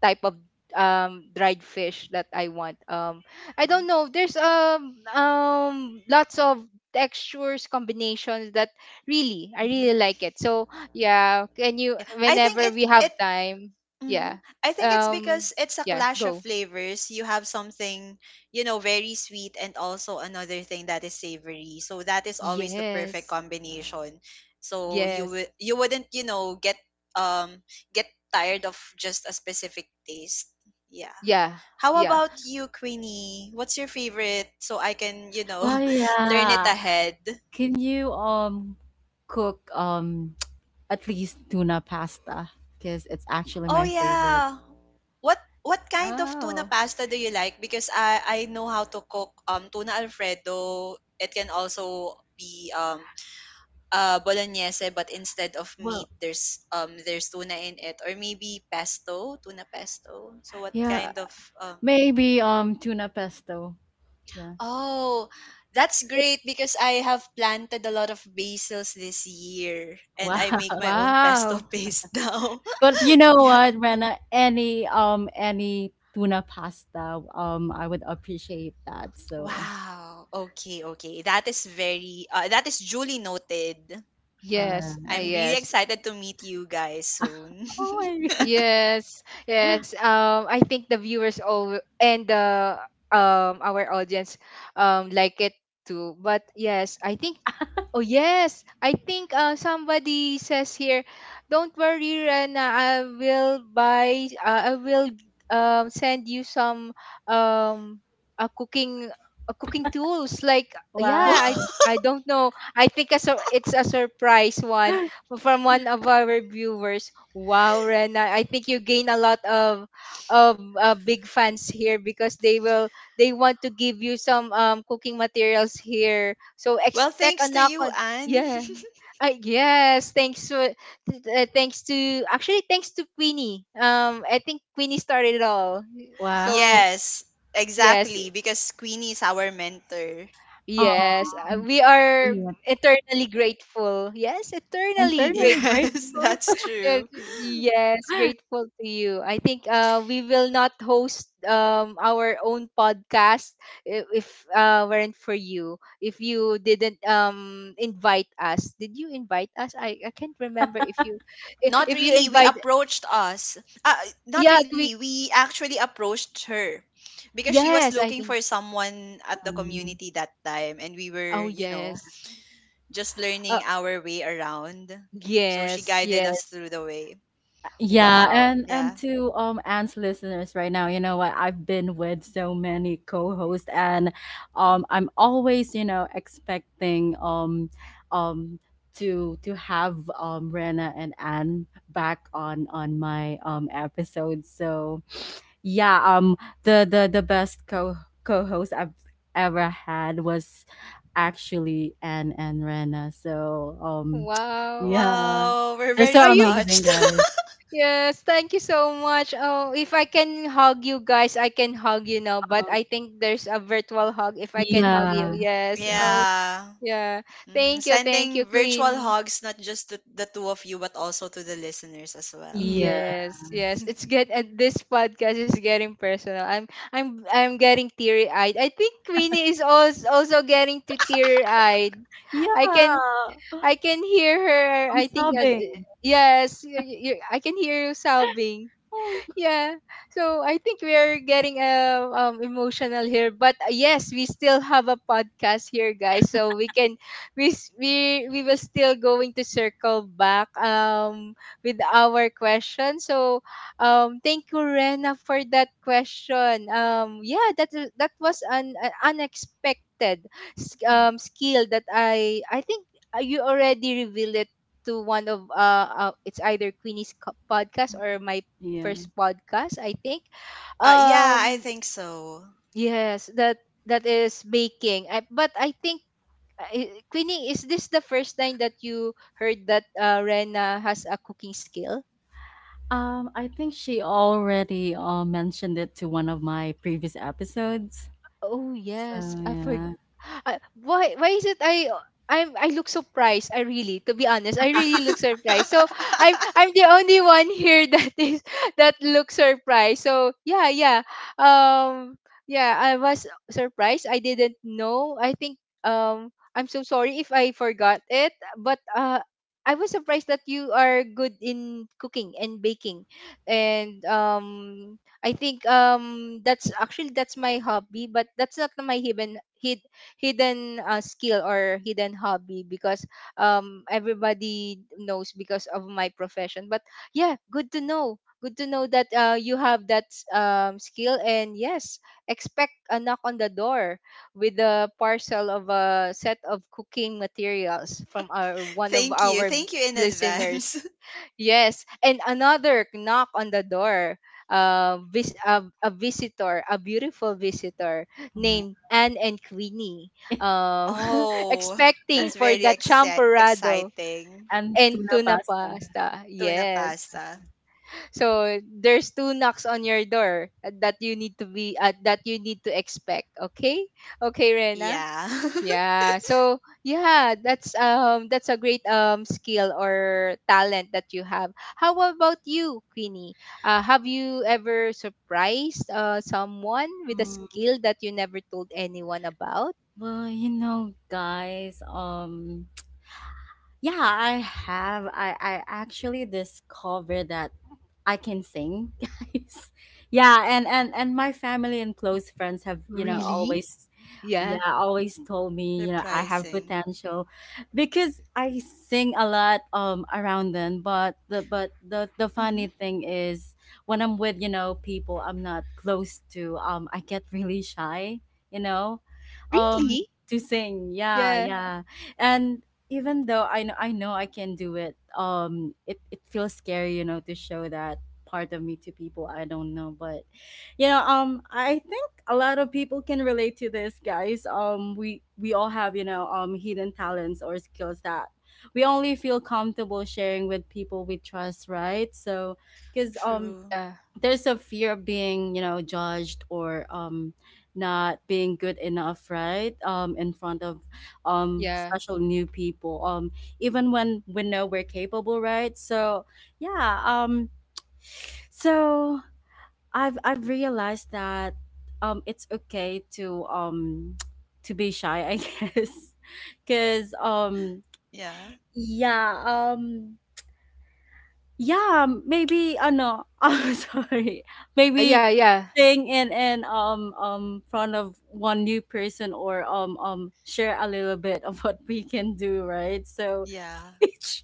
Speaker 1: type of dried fish that I want. I
Speaker 2: Mhm,
Speaker 1: don't know. There's lots of textures combinations that really I
Speaker 2: mhm.
Speaker 1: really like it. So yeah, can you
Speaker 2: Yeah, I think
Speaker 1: whenever
Speaker 2: it
Speaker 1: we have
Speaker 2: it.
Speaker 1: time,
Speaker 2: Mhm.
Speaker 1: yeah.
Speaker 2: I think it's
Speaker 1: Um
Speaker 2: because it's a
Speaker 1: yeah,
Speaker 2: clash of
Speaker 1: go.
Speaker 2: flavors. You have something, you know, very sweet, and also another thing that is savory. So that is always the perfect
Speaker 1: Yes.
Speaker 2: combination. So you
Speaker 1: Yes.
Speaker 2: would, you wouldn't, you know, um get tired of just a specific taste. Yeah.
Speaker 1: Yeah.
Speaker 2: How
Speaker 1: Yeah.
Speaker 2: about you, Queenie? What's your favorite? So I can, you know,
Speaker 3: Well,
Speaker 2: (laughs) learn it
Speaker 3: yeah.
Speaker 2: ahead.
Speaker 3: Can you cook (tsk) at least tuna pasta? Because it's actually
Speaker 2: Oh
Speaker 3: my favorite.
Speaker 2: yeah. What kind of tuna
Speaker 1: Wow.
Speaker 2: pasta do you like? Because I know how to cook tuna alfredo. It can also be bolognese, but instead of
Speaker 3: Well,
Speaker 2: meat, there's tuna in it, or maybe pesto, tuna pesto. So what
Speaker 3: yeah,
Speaker 2: kind of um
Speaker 3: maybe tuna pesto. Yeah.
Speaker 2: Oh, that's great because I have planted a lot of basils this year and
Speaker 3: Wow.
Speaker 2: I make
Speaker 3: (laughs)
Speaker 2: my own (laughs) pesto
Speaker 1: Wow.
Speaker 2: paste now. (laughs)
Speaker 3: But you know
Speaker 2: Yeah.
Speaker 3: what, Rena? Any tuna pasta, I would appreciate that. So,
Speaker 2: Wow. Okay, okay. That is very that is duly noted.
Speaker 3: all
Speaker 1: Yes,
Speaker 2: I'm
Speaker 3: right.
Speaker 2: really
Speaker 1: yes.
Speaker 2: excited to meet you guys soon.
Speaker 3: Oh my (laughs) God.
Speaker 1: Yes, yes. I think the viewers all and the our audience like it too. But yes, I think Oh yes, I think, somebody says here, "Don't worry, Rena. I will buy. I will send you some um, a cooking, a cooking tools." Like, yeah, I
Speaker 3: Wow.
Speaker 2: (laughs)
Speaker 1: I don't know. I think it's a surprise one from one of our viewers. Wow, Rena! I think you gain a lot of big fans here because they want to give you some cooking materials here, so
Speaker 2: Well,
Speaker 1: expect
Speaker 2: thanks
Speaker 1: a
Speaker 2: to
Speaker 1: knock
Speaker 2: you,
Speaker 1: on.
Speaker 2: Anne.
Speaker 1: Yeah, yes, thanks to thanks to, actually, thanks to Queenie. I think Queenie started it all.
Speaker 2: (laughs)
Speaker 3: Wow.
Speaker 1: So
Speaker 2: Yes,
Speaker 1: yes,
Speaker 2: exactly, because Queenie is our mentor. (laughs)
Speaker 3: Oh,
Speaker 1: yes, we are
Speaker 3: sweet.
Speaker 1: eternally grateful. Yes, eternally grateful.
Speaker 3: Internally
Speaker 2: Yes,
Speaker 3: grateful.
Speaker 2: that's
Speaker 1: Yes,
Speaker 2: true.
Speaker 1: yes, grateful to you. I think we will not host our own podcast if weren't for you. If you didn't invite us, did you invite us? I can't remember if you
Speaker 2: Not
Speaker 1: if you
Speaker 2: really. We
Speaker 1: invite.
Speaker 2: approached us. Uh, Not
Speaker 1: Yeah,
Speaker 2: really.
Speaker 1: we.
Speaker 2: We actually approached her because she was
Speaker 1: Yes, I
Speaker 2: looking for
Speaker 1: think.
Speaker 2: someone at the
Speaker 3: (laughs)
Speaker 2: community that time, and we were,
Speaker 1: Oh
Speaker 2: you know,
Speaker 1: yes.
Speaker 2: just
Speaker 1: Uh,
Speaker 2: learning our way around. So she
Speaker 1: yes,
Speaker 2: guided
Speaker 1: yes.
Speaker 2: us through the way.
Speaker 3: Yeah,
Speaker 1: Wow,
Speaker 3: and
Speaker 2: Yeah.
Speaker 3: to Anne's listeners right now, you know what? I've been with so many co-hosts and I'm always, you know, expecting um to have Rena and Anne back on my episode. So, yeah, the best co co-host I've ever had was actually Anne and Rena. So, (tsk)
Speaker 1: wow.
Speaker 3: yeah.
Speaker 2: Wow, we're
Speaker 3: They're so
Speaker 2: very
Speaker 1: Are you.
Speaker 3: amazing,
Speaker 2: touched.
Speaker 3: guys.
Speaker 1: Yes, thank you so much. Oh, if I can hug you guys, I can hug you now, but I think there's a virtual hug if I can hug you.
Speaker 3: Yeah.
Speaker 2: (laughs)
Speaker 1: Yes. Oh,
Speaker 2: Yeah.
Speaker 1: yeah.
Speaker 2: Mhm.
Speaker 1: Thank
Speaker 2: Sending
Speaker 1: you,
Speaker 2: virtual
Speaker 1: Queenie.
Speaker 2: hugs not just to the two of you but also to the listeners as well.
Speaker 3: Yes.
Speaker 1: Yes, yes. It's
Speaker 2: (laughs)
Speaker 1: get, and this podcast is getting personal. I'm getting teary-eyed. I think Queenie is also getting to teary-eyed.
Speaker 3: Yeah.
Speaker 1: I can I can hear her.
Speaker 3: I'm
Speaker 1: I think as
Speaker 3: sobbing.
Speaker 1: yes, you, I can hear you sobbing.
Speaker 3: Oh.
Speaker 1: Yeah, so I think we are getting emotional here, but yes, we still have a podcast here, guys, so we can we s- we will still going to circle back. With our question. So thank you, Rena, for that question. Yeah, that was an unexpected
Speaker 3: Mm.
Speaker 1: skill that I think you already revealed it to one of it's either Queenie's podcast or my
Speaker 3: Yeah.
Speaker 1: first podcast, I think.
Speaker 2: Yeah, I
Speaker 1: Um,
Speaker 2: think so.
Speaker 1: yes, that is baking. I, but I think Queenie, is this the first time that you heard that Rena has a cooking skill?
Speaker 3: I think she already mentioned it to one of my previous episodes.
Speaker 1: Oh
Speaker 3: So
Speaker 1: yes, I forg.
Speaker 3: yeah.
Speaker 1: I, why is it I. I'm, I look surprised. I really, to be honest, I really look
Speaker 2: (laughs)
Speaker 1: surprised. So I'm the only one here (laughs) that looks surprised. So yeah, yeah. Um yeah, I was surprised. I didn't know. I think I'm so sorry if I forgot it, but I was surprised that you are good in cooking and baking. And I think that's actually that's my hobby, but that's not my hidden skill or hidden hobby, because everybody knows because of my profession. But yeah, good to know. Good to know that you have that skill. And yes, expect a knock on the door with a parcel of a set of cooking materials from our one of
Speaker 2: Thank you.
Speaker 1: our
Speaker 2: Thank you in advance.
Speaker 1: listeners.
Speaker 2: (laughs)
Speaker 1: Yes, and another knock on the door. A, a visitor, a beautiful visitor
Speaker 3: Uh,
Speaker 1: named Anne and Queenie, um, (laughs)
Speaker 2: Oh,
Speaker 1: expecting
Speaker 2: that's
Speaker 1: for
Speaker 2: very
Speaker 1: the champorado
Speaker 2: exciting.
Speaker 3: and
Speaker 1: and
Speaker 3: tuna
Speaker 1: tuna
Speaker 3: pasta.
Speaker 1: pasta.
Speaker 2: Tuna
Speaker 1: Yes.
Speaker 2: pasta.
Speaker 1: So there's two knocks on your door that you need to be that you need to expect. Okay, okay, Rena.
Speaker 2: Yeah.
Speaker 1: Yeah. So yeah, that's a great skill or talent that you have. How about you, Queenie? Have you ever surprised someone with a
Speaker 3: Mm,
Speaker 1: skill that you never told anyone about?
Speaker 3: well, you know, guys, yeah, I have I actually discovered that I can sing, (laughs) guys. Yeah, and my family and close friends have, you know,
Speaker 1: Really?
Speaker 3: always
Speaker 1: Yeah.
Speaker 3: yeah, always told
Speaker 2: (laughs)
Speaker 3: me, you know, I have
Speaker 2: Surprising.
Speaker 3: potential because I sing a lot around them, but the funny
Speaker 2: Mhm.
Speaker 3: thing is when I'm with, you know, people I'm not close to, I get really shy, you know. Um,
Speaker 1: Really?
Speaker 3: to sing. Yeah,
Speaker 1: Yeah.
Speaker 3: yeah. And even though I know I can do it, it, it feels scary, you know, to show that part of me to people I don't know. But you know, I think a lot of people can relate to this, guys. We all have hidden talents or skills that we only feel comfortable sharing with people we trust, right? So, because
Speaker 2: True.
Speaker 1: Yeah.
Speaker 3: there's a fear of being judged or not being good enough, right? Um, in front of
Speaker 1: Yeah.
Speaker 3: special new people even when we know we're capable, right? So yeah, so I've realized that it's okay to (tsk) to be shy, I guess, (laughs) because
Speaker 2: Yeah.
Speaker 3: yeah um yeah, maybe no, (laughs) I'm sorry.
Speaker 1: Yeah.
Speaker 3: Maybe
Speaker 1: Yeah.
Speaker 3: sing in front of one new person or share a little bit of what we can do, right? So
Speaker 2: Yeah.
Speaker 3: (laughs) each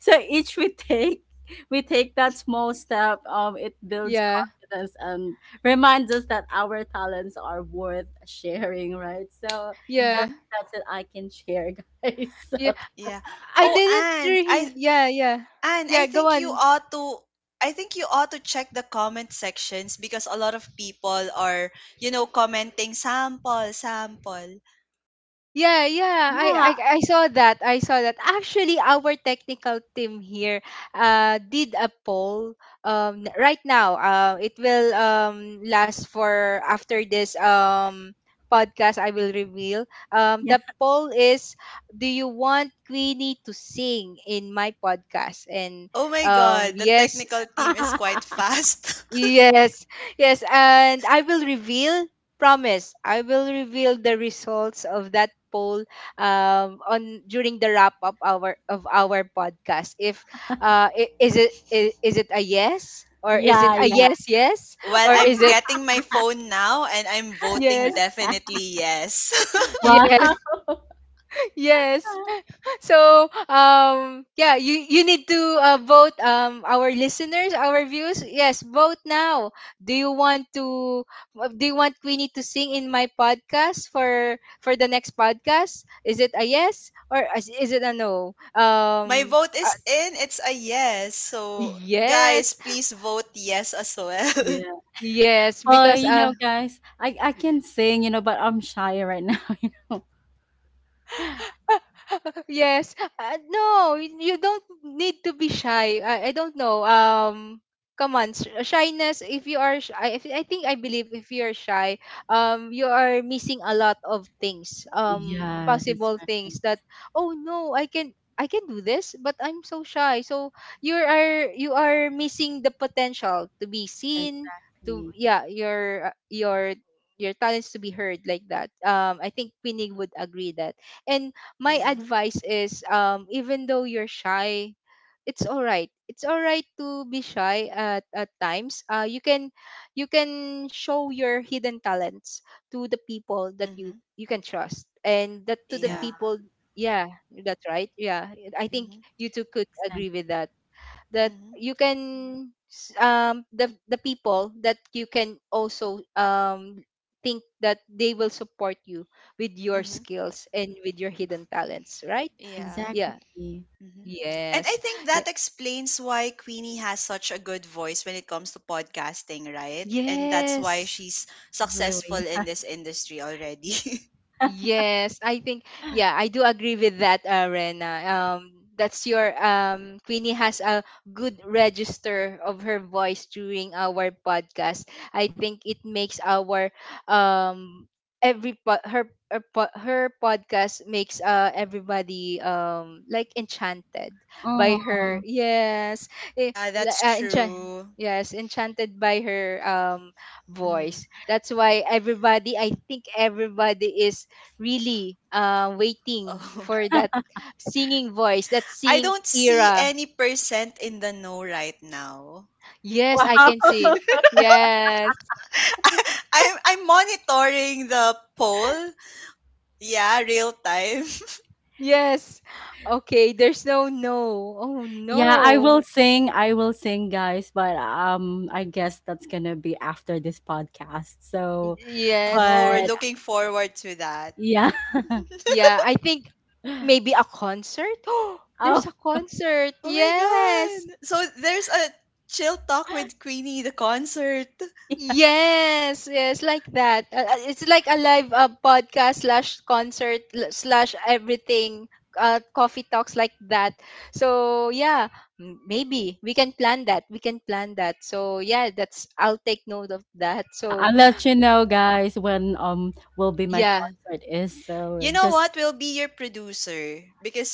Speaker 3: so each we take that small step. It
Speaker 1: Yeah.
Speaker 3: builds
Speaker 1: Yeah.
Speaker 3: confidence and reminds us that our talents are worth sharing, right? So
Speaker 1: Yeah.
Speaker 2: Mhm.
Speaker 3: that's it I can share, guys. (laughs)
Speaker 1: Yeah.
Speaker 3: So
Speaker 2: Yeah.
Speaker 1: I
Speaker 2: Oh,
Speaker 1: didn't
Speaker 2: Anne, I
Speaker 1: really. Yeah. Yeah.
Speaker 2: Anne,
Speaker 1: Yeah. Go on.
Speaker 2: I think you ought to check the comment sections because a lot of people are, you know, commenting sample, sample.
Speaker 1: Yeah, yeah.
Speaker 3: yeah,
Speaker 1: I saw that. I saw that. Actually, our technical team here did a poll right now. It will last for after this podcast, I will reveal.
Speaker 3: yeah,
Speaker 1: The poll is, do you want Queenie to sing in my podcast? And
Speaker 2: Oh my god, the
Speaker 1: yes.
Speaker 2: technical team is quite fast. (laughs)
Speaker 1: Yes, yes, and I will reveal, promise, I will reveal the results of that poll on during the wrap up our of our podcast. If is it is it a yes
Speaker 3: (laughs)
Speaker 1: or is it
Speaker 3: yeah,
Speaker 1: a
Speaker 3: yeah.
Speaker 1: yes, yes,
Speaker 2: Well,
Speaker 1: or
Speaker 2: I'm
Speaker 1: is it
Speaker 2: getting my phone now and I'm voting
Speaker 1: yes,
Speaker 2: definitely yes. (laughs)
Speaker 1: yes,
Speaker 3: Wow.
Speaker 1: (laughs) yes.
Speaker 3: (laughs)
Speaker 1: So yeah, you need to vote. Our listeners, our views, yes, vote now. Do you want to do you want Queenie to sing in my podcast for the next podcast? Is it a yes, or is it a no?
Speaker 2: My vote is
Speaker 1: Uh,
Speaker 2: in. It's a yes. So, guys,
Speaker 1: yes,
Speaker 2: please vote yes as well.
Speaker 3: Yeah.
Speaker 1: yes,
Speaker 3: Oh,
Speaker 1: because
Speaker 3: you know, guys, I can sing, you know, but I'm shy right now, (laughs) you know.
Speaker 1: (laughs) yes. No, you don't need to be shy. I don't know. Come on, shyness. If you are, I think I believe if you are shy, you are missing a lot of things.
Speaker 3: Yeah, that's
Speaker 1: Possible
Speaker 3: right.
Speaker 1: things that oh no, I can. I can do this, but I'm so shy. So you are missing the potential to be seen. To
Speaker 3: Exactly.
Speaker 1: yeah, your talents to be heard like that. I think Queenie would agree that. And my
Speaker 2: (laughs) Yeah.
Speaker 1: advice is even though you're shy, it's all right to be shy at times. Uh, you can show your hidden talents to the people that you can trust, and that to the
Speaker 3: Yeah,
Speaker 2: Yeah.
Speaker 1: people. Yeah, that's right. Yeah, I think
Speaker 2: Mm-hmm.
Speaker 1: you two could
Speaker 3: and
Speaker 1: agree with that, that
Speaker 2: Mm-hmm.
Speaker 1: you can the people that you can also think that they will support you with your
Speaker 2: Mm-hmm.
Speaker 1: skills and with your hidden talents, right?
Speaker 2: Yeah.
Speaker 1: Yeah,
Speaker 3: exactly.
Speaker 2: Mm-hmm. And I
Speaker 1: yes,
Speaker 2: think
Speaker 1: yeah.
Speaker 2: that explains why Queenie has such a good voice when it comes to podcasting, right? And that's why
Speaker 1: Yes.
Speaker 2: she's successful
Speaker 3: Really.
Speaker 2: in this industry already. (laughs)
Speaker 1: Yes, I think yeah, I do agree with that, Rena. That's your Queenie has a good register of her voice during our podcast. I think it makes our um every her podcast makes everybody like enchanted by
Speaker 3: Oh,
Speaker 1: her. Yes, eh,
Speaker 2: Yeah,
Speaker 1: la-
Speaker 2: that's
Speaker 1: enchan
Speaker 2: true.
Speaker 1: yes, enchanted by her
Speaker 2: Mm-hmm.
Speaker 1: voice. That's why everybody, I think everybody is really waiting
Speaker 2: Oh.
Speaker 1: for that singing voice, that
Speaker 2: (laughs) I
Speaker 1: singing
Speaker 2: don't see
Speaker 1: era.
Speaker 2: any percent in the know right now.
Speaker 1: Yes, I
Speaker 3: wow.
Speaker 1: can
Speaker 3: (laughs)
Speaker 1: see. Yes,
Speaker 2: (laughs) I'm monitoring the poll. Yeah, real time. (laughs)
Speaker 1: yes. Okay, there's no no. Oh
Speaker 3: Yeah, I
Speaker 1: no.
Speaker 3: will sing. I will sing, guys, but I guess that's going to be after this podcast. So,
Speaker 1: Yes.
Speaker 2: Oh, we're
Speaker 3: but
Speaker 2: looking forward to that.
Speaker 3: yeah.
Speaker 2: (laughs)
Speaker 1: Yeah, I think
Speaker 3: (laughs)
Speaker 1: maybe a concert. (gasps) Oh,
Speaker 3: Oh,
Speaker 1: there's a concert.
Speaker 2: Oh my
Speaker 1: Yes.
Speaker 2: god. So there's a chill talk with Queenie the concert.
Speaker 3: yeah.
Speaker 1: Yes, yes, like that. It's like a live podcast slash concert slash everything. Coffee talks like that. So yeah, maybe we can plan that. We can plan that. So yeah, that's I'll take note of that.
Speaker 3: Yeah, I'll
Speaker 1: So
Speaker 3: let you know, guys, when will be my
Speaker 1: yeah,
Speaker 3: concert is. So,
Speaker 2: You know
Speaker 3: just
Speaker 2: what? We'll be your producer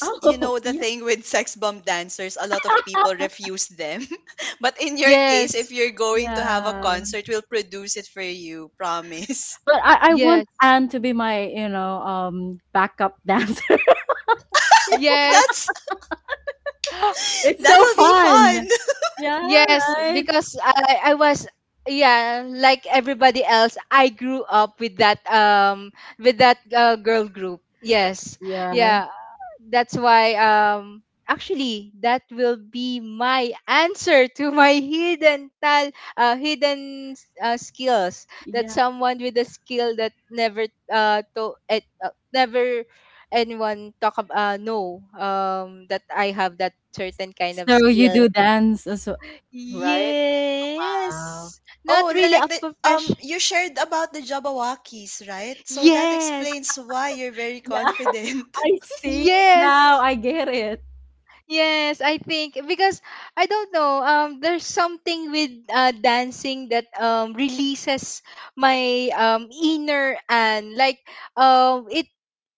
Speaker 3: (laughs)
Speaker 2: you
Speaker 3: oh,
Speaker 2: know the
Speaker 3: yeah.
Speaker 2: thing with (laughs) sex bomb dancers, a lot of people refuse them. (laughs) But in your case, if
Speaker 1: yes,
Speaker 2: you're going to have a
Speaker 3: Yeah.
Speaker 2: concert, we'll produce it for you, promise.
Speaker 3: But I want
Speaker 1: yes,
Speaker 3: Anne to be my, you know, backup dancer. (laughs)
Speaker 2: (laughs)
Speaker 1: yes.
Speaker 2: That's
Speaker 1: (gasps)
Speaker 3: it's
Speaker 2: that
Speaker 3: so
Speaker 2: will be fun.
Speaker 3: fun. Yeah,
Speaker 1: Yes,
Speaker 3: right.
Speaker 1: because I was yeah, like everybody else, I grew up with that girl group. Yes.
Speaker 3: Yeah,
Speaker 1: Yeah, that's why actually that will be my answer to my hidden skills. That
Speaker 3: yeah.
Speaker 1: someone with a skill that never to it never anyone talk about know that I have that certain kind of
Speaker 3: So you
Speaker 1: skill.
Speaker 3: do dance as well, right? Wow.
Speaker 1: Yes, not
Speaker 2: Oh,
Speaker 1: really
Speaker 2: like the
Speaker 1: a profession.
Speaker 2: you shared about the Jabberwockies, right? So that
Speaker 1: Yes,
Speaker 2: explains why you're very
Speaker 3: Yeah,
Speaker 2: confident.
Speaker 3: (laughs) I
Speaker 2: (laughs)
Speaker 3: see now.
Speaker 1: yes.
Speaker 3: I get it.
Speaker 1: Yes, I think because I don't know. There's something with dancing that releases my inner and like um it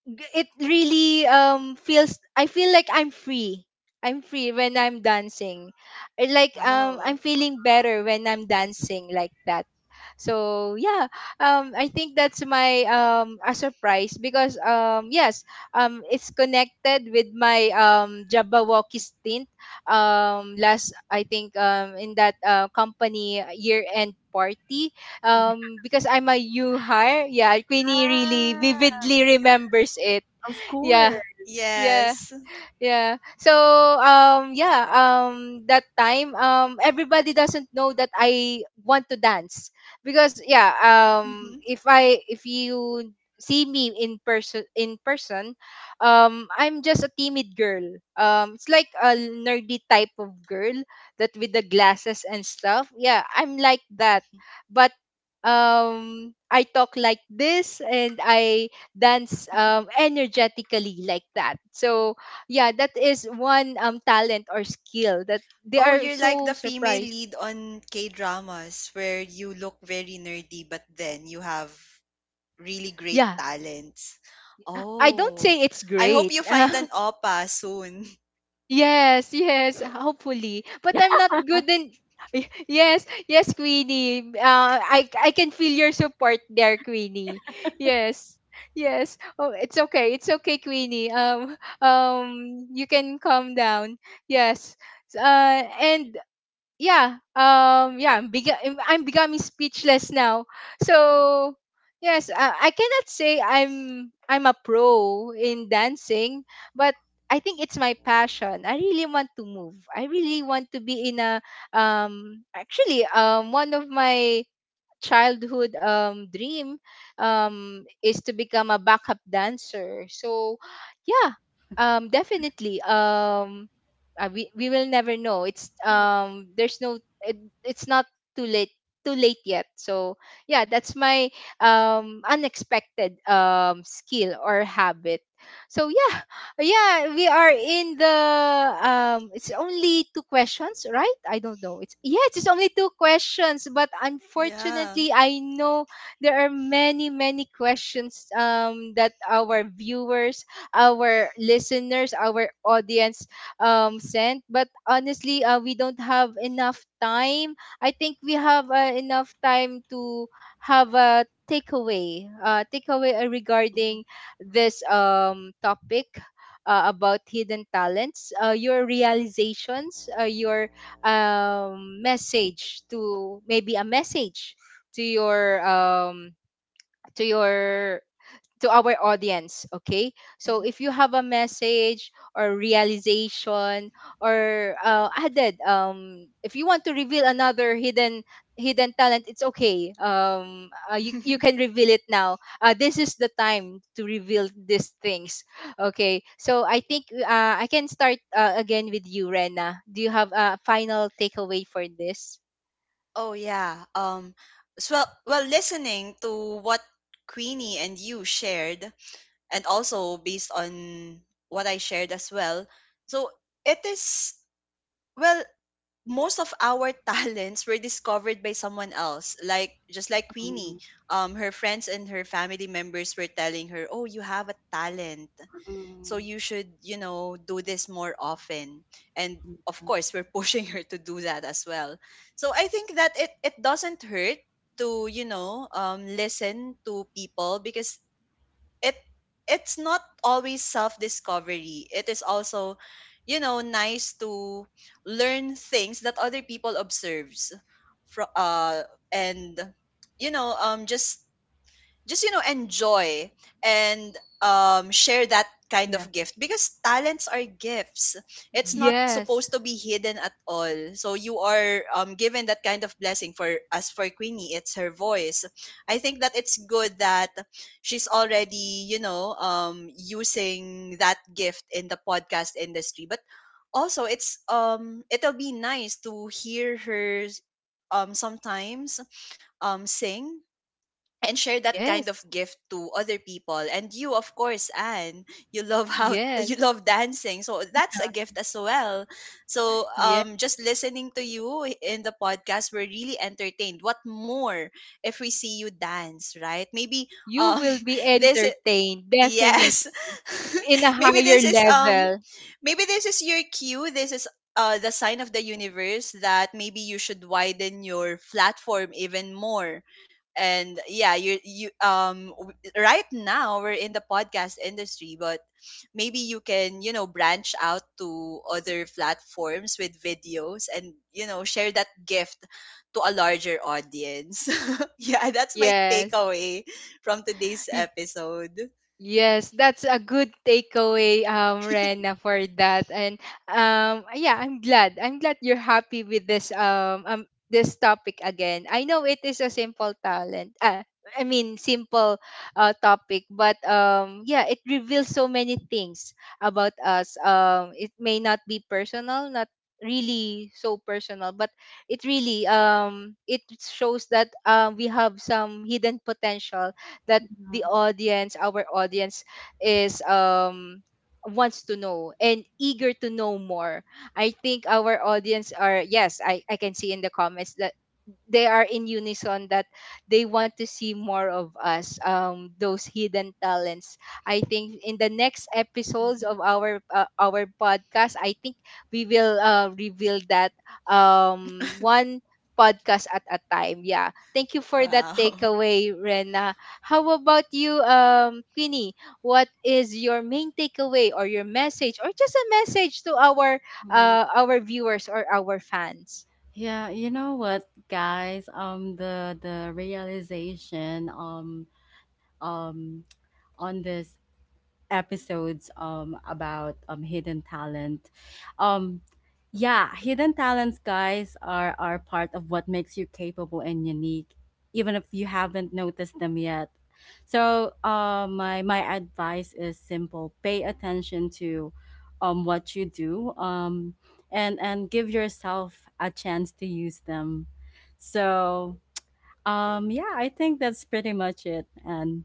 Speaker 1: it really feels I feel like I'm free. I'm free when I'm dancing.
Speaker 2: Wow.
Speaker 1: I'm feeling better when I'm dancing like that. So yeah, I think that's my a surprise, because yes, it's connected with my Jabberwocky stint last I think in that company year end party, because I'm a new hire. Yeah, Queenie really
Speaker 3: Ah,
Speaker 1: vividly remembers it.
Speaker 3: of
Speaker 1: Yeah,
Speaker 3: course.
Speaker 1: yeah.
Speaker 2: Yes.
Speaker 1: Yeah, so yeah, that time, everybody doesn't know that I want to dance, because yeah,
Speaker 2: Mm-hmm.
Speaker 1: if I if you see me in person, I'm just a timid girl, it's like a nerdy type of girl, that with the glasses and stuff. Yeah, I'm like that,
Speaker 2: Mm-hmm.
Speaker 1: but I talk like this and I dance energetically like that. So yeah, that is one talent or skill that they
Speaker 2: Oh,
Speaker 1: are
Speaker 2: you're like
Speaker 1: so
Speaker 2: the female
Speaker 1: surprised.
Speaker 2: lead on K-dramas where you look very nerdy but then you have really great
Speaker 1: Yeah,
Speaker 2: talents.
Speaker 1: I don't
Speaker 2: Oh.
Speaker 1: say it's
Speaker 2: I hope
Speaker 1: great.
Speaker 2: you
Speaker 1: (laughs)
Speaker 2: find an oppa soon. (laughs)
Speaker 1: Yes, yes, hopefully, but I'm not good in. (laughs) Yes, yes, Queenie, I can feel your support there, Queenie. Yes, yes. Oh, it's okay, it's okay, Queenie. You can calm down. Yes. And yeah, yeah, I'm becoming speechless now. So yes, I cannot say I'm a pro in dancing, but I think it's my passion. I really want to move. I really want to be in a actually one of my childhood dream, is to become a backup dancer. So, yeah, definitely. We will never know. It's there's no. It's not too late. Too late yet. So yeah, that's my unexpected skill or habit. So yeah, yeah, we are in the it's only two questions, right? I don't know. It's yeah, it's only two questions, but
Speaker 2: Yeah.
Speaker 1: unfortunately I know there are many, many questions that our viewers, our listeners, our audience sent. But honestly, we don't have enough time. I think we have enough time to have a takeaway. Takeaway
Speaker 2: Mm-hmm.
Speaker 1: regarding this topic, about hidden talents, your realizations, your message to maybe a message to your um, to your to our audience. Okay, so if you have a message or realization or added if you want to reveal another hidden talent, it's okay. You can reveal it now. This is the time to reveal these things. Okay, so I think I can start again with you, Rena. Do you have a final takeaway for this?
Speaker 2: Oh yeah. So, well, well, listening to what Queenie and you shared, and also based on what I shared as well. So it is, well, most of our (laughs) talents were discovered by someone else, like just like
Speaker 3: Mm,
Speaker 2: Queenie, her friends and her family members were telling her, oh, you have a talent,
Speaker 3: mm,
Speaker 2: so you should, you know, do this more often. And of course we're (laughs) pushing her to do that as well. So I think that it doesn't hurt to, you know, listen to people, because it it's not always self discovery, it is also, you know, nice to learn things that other people observes from and, you know, just, you know, enjoy and share that kind
Speaker 1: Yeah.
Speaker 2: of gift, because talents are gifts. It's
Speaker 3: yeah.
Speaker 2: not
Speaker 1: Yes,
Speaker 2: supposed to be hidden at all, so you are given that kind of blessing. For, as for Queenie, it's her voice. I think that it's good that she's already, you know, using that gift in the podcast industry. But also it's it'll be nice to hear her sometimes sing and share that kind of
Speaker 1: yes,
Speaker 2: gift to other people. And you, of course, Anne, you love how (laughs) you
Speaker 1: yes,
Speaker 2: love dancing, so that's a gift as well. So
Speaker 1: yes,
Speaker 2: just listening to you in the podcast, we're really entertained. What more if we see you dance, right? Maybe
Speaker 1: you
Speaker 2: um
Speaker 1: will be
Speaker 2: (laughs) this.
Speaker 1: entertained, definitely,
Speaker 2: Yes.
Speaker 1: in a
Speaker 2: (laughs) Maybe
Speaker 1: higher
Speaker 2: this is
Speaker 1: level.
Speaker 2: maybe this is your cue. This is the sign of the universe that maybe you should widen your platform even more. And yeah, you right now we're in the podcast industry, but maybe you can, you know, branch out to other platforms with videos and, you know, share that gift to a larger audience. (laughs) Yeah, that's my
Speaker 1: Yes.
Speaker 2: takeaway from today's episode.
Speaker 1: Yes, that's a good takeaway,
Speaker 2: (laughs)
Speaker 1: Rena, for that. And yeah, I'm glad. I'm glad you're happy with this topic again. I know it is a simple talent. I mean, simple topic, but yeah, it reveals so many things about us. It may not be personal, not really so personal, but it really it shows that we have some hidden potential that the audience, our audience, is wants to know and eager to know more. I think our audience are, yes, I can see in the comments that they are in unison that they want to see more of us, those hidden talents. I think in the next episodes
Speaker 2: Mm-hmm.
Speaker 1: of our podcast, I think we will reveal that,
Speaker 2: (laughs)
Speaker 1: one podcast at a time. Yeah, thank you for that
Speaker 2: Wow.
Speaker 1: takeaway, Rena. How about you, Queenie? What is your main takeaway or your message or just a message to
Speaker 3: Mm.
Speaker 1: our viewers or our fans?
Speaker 3: Yeah, you know what, guys? The realization um on this episodes about hidden talent. Um, yeah, hidden talents guys are part of what makes you capable and unique even if you haven't noticed them yet. So, my my advice is simple. Pay attention to what you do and give yourself a chance to use them. So, yeah, I think that's pretty much it and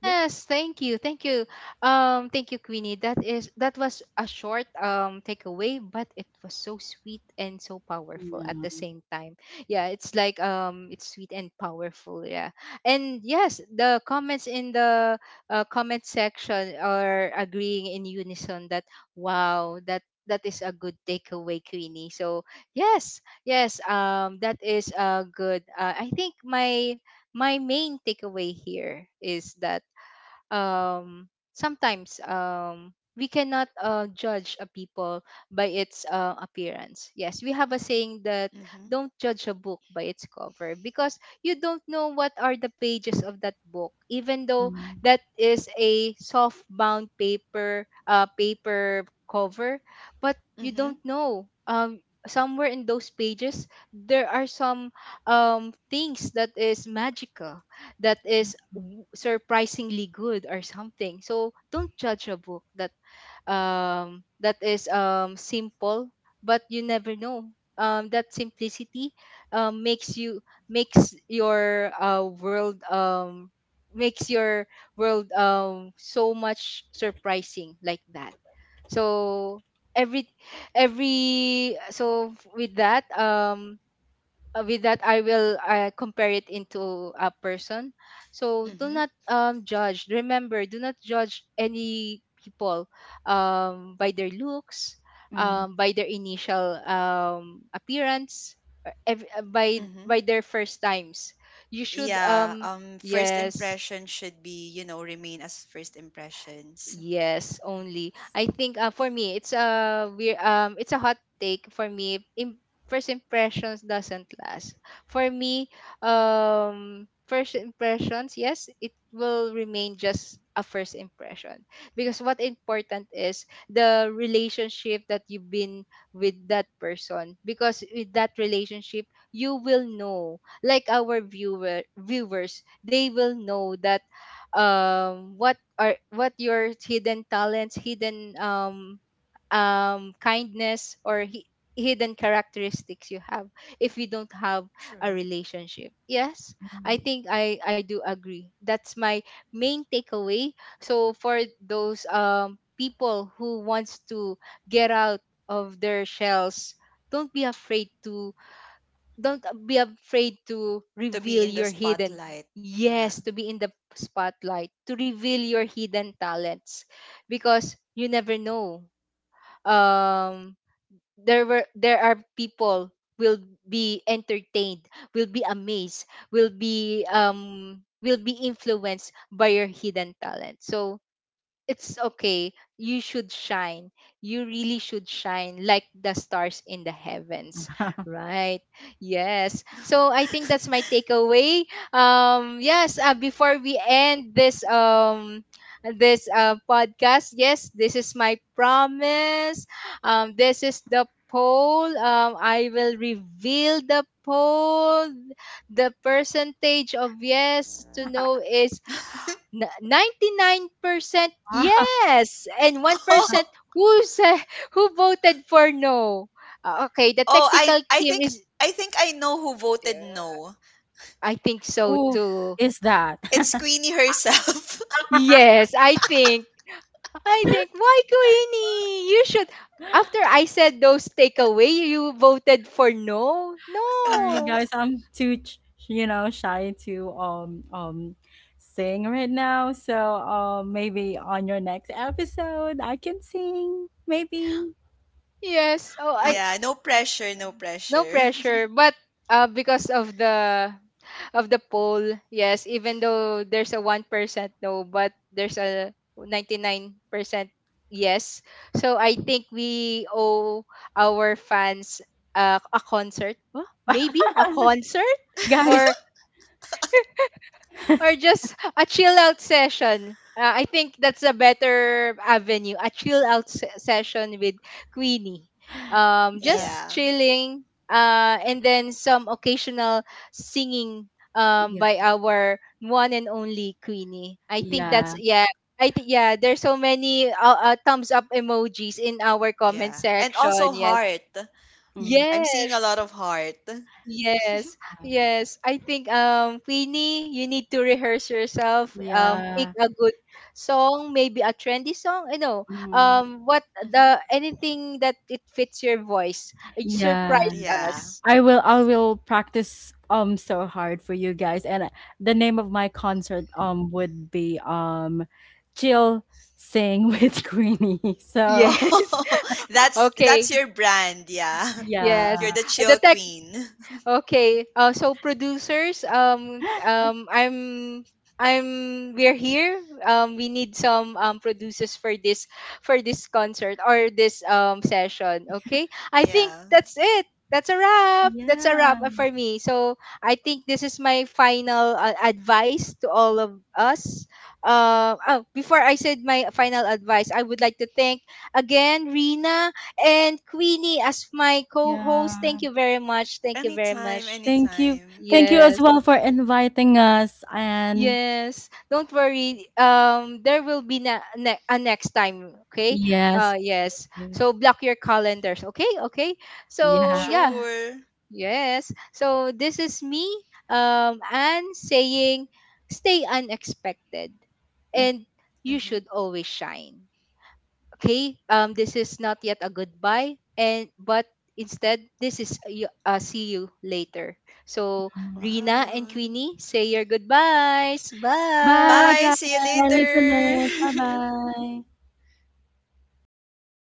Speaker 3: yep.
Speaker 1: Yes, thank you. Thank you. Thank you, Queenie. That is that was a short takeaway, but it was so sweet and so powerful
Speaker 3: Yeah.
Speaker 1: at the same time. Yeah, it's like it's sweet and powerful, yeah. And yes, the comments in the comment section are agreeing in unison that wow, that is a good takeaway, Queenie. So, yes. Yes, that is a good, I think my my main takeaway here is that sometimes we cannot judge a people by its appearance. Yes, we have a saying that
Speaker 2: Mm-hmm.
Speaker 1: don't judge a book by its cover because you don't know what are the pages of that book. Even though
Speaker 3: Mm.
Speaker 1: that is a soft bound paper, paper cover, but you don't
Speaker 2: Mm-hmm.
Speaker 1: know. Somewhere in those pages, there are some things that is magical, that is surprisingly good or something. So don't judge a book that that is simple, but you never know that simplicity um makes you makes your world, makes your world so much surprising like that. So every every so with that, with that, I will compare it into a person. So do
Speaker 2: Mm-hmm.
Speaker 1: not, judge, remember, do not judge any people by their looks,
Speaker 3: Mm.
Speaker 1: by their initial appearance, or
Speaker 2: Mm-hmm.
Speaker 1: by their first times. You should
Speaker 2: Yeah, first
Speaker 1: yes.
Speaker 2: impression should be, you know, remain as first impressions.
Speaker 1: Yes, only. I think for me, it's a weird, it's a hot take for me. First impressions doesn't last. For me, first impressions, yes, it will remain just a first impression, because what important is the relationship that you've been with that person, because with that relationship you will know, like our viewers they will know that what or what your hidden talents, hidden kindness or hidden characteristics you have, if you don't have a
Speaker 2: True.
Speaker 1: relationship. Yes, I think I do agree, that's my main takeaway. So for those people who wants to get out of their shells, don't be afraid to don't be afraid to
Speaker 2: To be
Speaker 1: reveal
Speaker 2: in the
Speaker 1: your hidden,
Speaker 2: spotlight.
Speaker 1: yes,
Speaker 2: Yeah.
Speaker 1: to be in the spotlight, to reveal your hidden talents. Because you never know, um there are people will be entertained, will be amazed, will be influenced by your hidden talent. So it's okay. You should shine. You really should shine like the stars in the heavens.
Speaker 3: (laughs)
Speaker 1: Right. Yes. So I think that's my
Speaker 2: (laughs)
Speaker 1: takeaway. Yes, before we end this podcast, yes, this is my promise. This is the poll. I will reveal the poll. The percentage of yes to no is 99%
Speaker 3: Ah, (laughs)
Speaker 1: yes and 1%
Speaker 2: Oh,
Speaker 1: who (laughs) who voted for no. Okay, the technical
Speaker 2: I
Speaker 1: team
Speaker 2: think
Speaker 1: is,
Speaker 2: I know who voted
Speaker 1: uh,
Speaker 2: no.
Speaker 1: I think so
Speaker 3: who
Speaker 1: too.
Speaker 3: is that?
Speaker 2: It's
Speaker 3: (laughs)
Speaker 2: Queenie
Speaker 1: Uh,
Speaker 2: herself.
Speaker 1: Yes, I think. I think, why Queenie? You should, after I said those takeaway, you voted for no.
Speaker 3: Sorry,
Speaker 1: No.
Speaker 2: (laughs)
Speaker 3: guys, I'm too, you know, shy to sing right now. So maybe on your next episode I can sing. Maybe,
Speaker 1: Yes. Oh,
Speaker 3: (laughs)
Speaker 1: I
Speaker 3: huh?
Speaker 2: Yeah, no pressure, no
Speaker 1: No
Speaker 2: pressure.
Speaker 1: pressure, but because of the poll, yes, even though there's a 1% no, but there's a 99% yes, so I think we owe our fans a concert. Huh? Maybe a concert,
Speaker 3: Guys.
Speaker 1: or or just a chill out session. I think that's a better avenue. A chill out session with Queenie.
Speaker 2: (laughs)
Speaker 3: Yeah,
Speaker 1: Just
Speaker 2: Yeah.
Speaker 1: chilling, and then some occasional singing
Speaker 3: yeah,
Speaker 1: by our one and only Queenie. I think that's
Speaker 3: yeah,
Speaker 1: yeah. I think yeah. There's so many thumbs up emojis in our comment
Speaker 2: Yeah. And
Speaker 1: section.
Speaker 2: also
Speaker 1: Yes.
Speaker 2: heart.
Speaker 3: mm,
Speaker 2: I'm seeing a lot
Speaker 1: Yes.
Speaker 2: of heart.
Speaker 1: Yes,
Speaker 3: uh,
Speaker 1: yes. I think, Queenie, you need to rehearse yourself. Pick
Speaker 3: yeah,
Speaker 1: a good song, maybe a trendy song. I know.
Speaker 3: mm,
Speaker 1: What
Speaker 2: Hmm.
Speaker 1: the anything that it fits your voice.
Speaker 3: yeah.
Speaker 1: Surprise
Speaker 2: Yeah. (laughs)
Speaker 1: us.
Speaker 3: I will practice so hard for you guys, and the name of my concert would be chill sing with (laughs) Queenie. So
Speaker 1: Yes.
Speaker 2: Oh,
Speaker 1: (laughs)
Speaker 2: that's
Speaker 1: Okay.
Speaker 2: your brand, yeah. (laughs)
Speaker 1: Yes.
Speaker 2: You're
Speaker 3: yeah.
Speaker 2: the
Speaker 1: The
Speaker 2: chill
Speaker 1: tech.
Speaker 2: queen. (laughs)
Speaker 1: Okay. So producers, I'm, we're here. We need some producers for this concert or this session. Okay. I think
Speaker 2: Yeah.
Speaker 1: that's it. That's a wrap. That's a
Speaker 3: Yeah.
Speaker 1: wrap for me. So I think this is my final advice to all of us. Oh, Before I said my final advice, I would like to thank again Rina and Queenie as my co-host.
Speaker 3: Yeah.
Speaker 1: Thank you very much. Thank you very
Speaker 2: Anytime,
Speaker 1: much.
Speaker 3: Thank you.
Speaker 2: anytime.
Speaker 3: Thank you as
Speaker 1: Yes.
Speaker 3: well for inviting us and
Speaker 1: Yes. Don't worry. There will be a next time, okay?
Speaker 3: yes,
Speaker 1: Yes. So
Speaker 3: please.
Speaker 1: block your calendars, okay? Okay. So
Speaker 3: Yeah.
Speaker 1: yeah.
Speaker 2: Sure.
Speaker 1: Yes. So this is me and saying, stay unexpected, and you
Speaker 2: Hmm.
Speaker 1: should always shine. Okay, this is not yet a goodbye, and but instead this is a a see you later. So
Speaker 3: Mhm.
Speaker 1: Rina and
Speaker 2: Wow.
Speaker 1: Queenie, say your goodbyes. Bye.
Speaker 3: Bye
Speaker 2: Bye,
Speaker 3: guys,
Speaker 2: see you
Speaker 3: our listeners.
Speaker 2: later. (laughs)
Speaker 3: Bye-bye.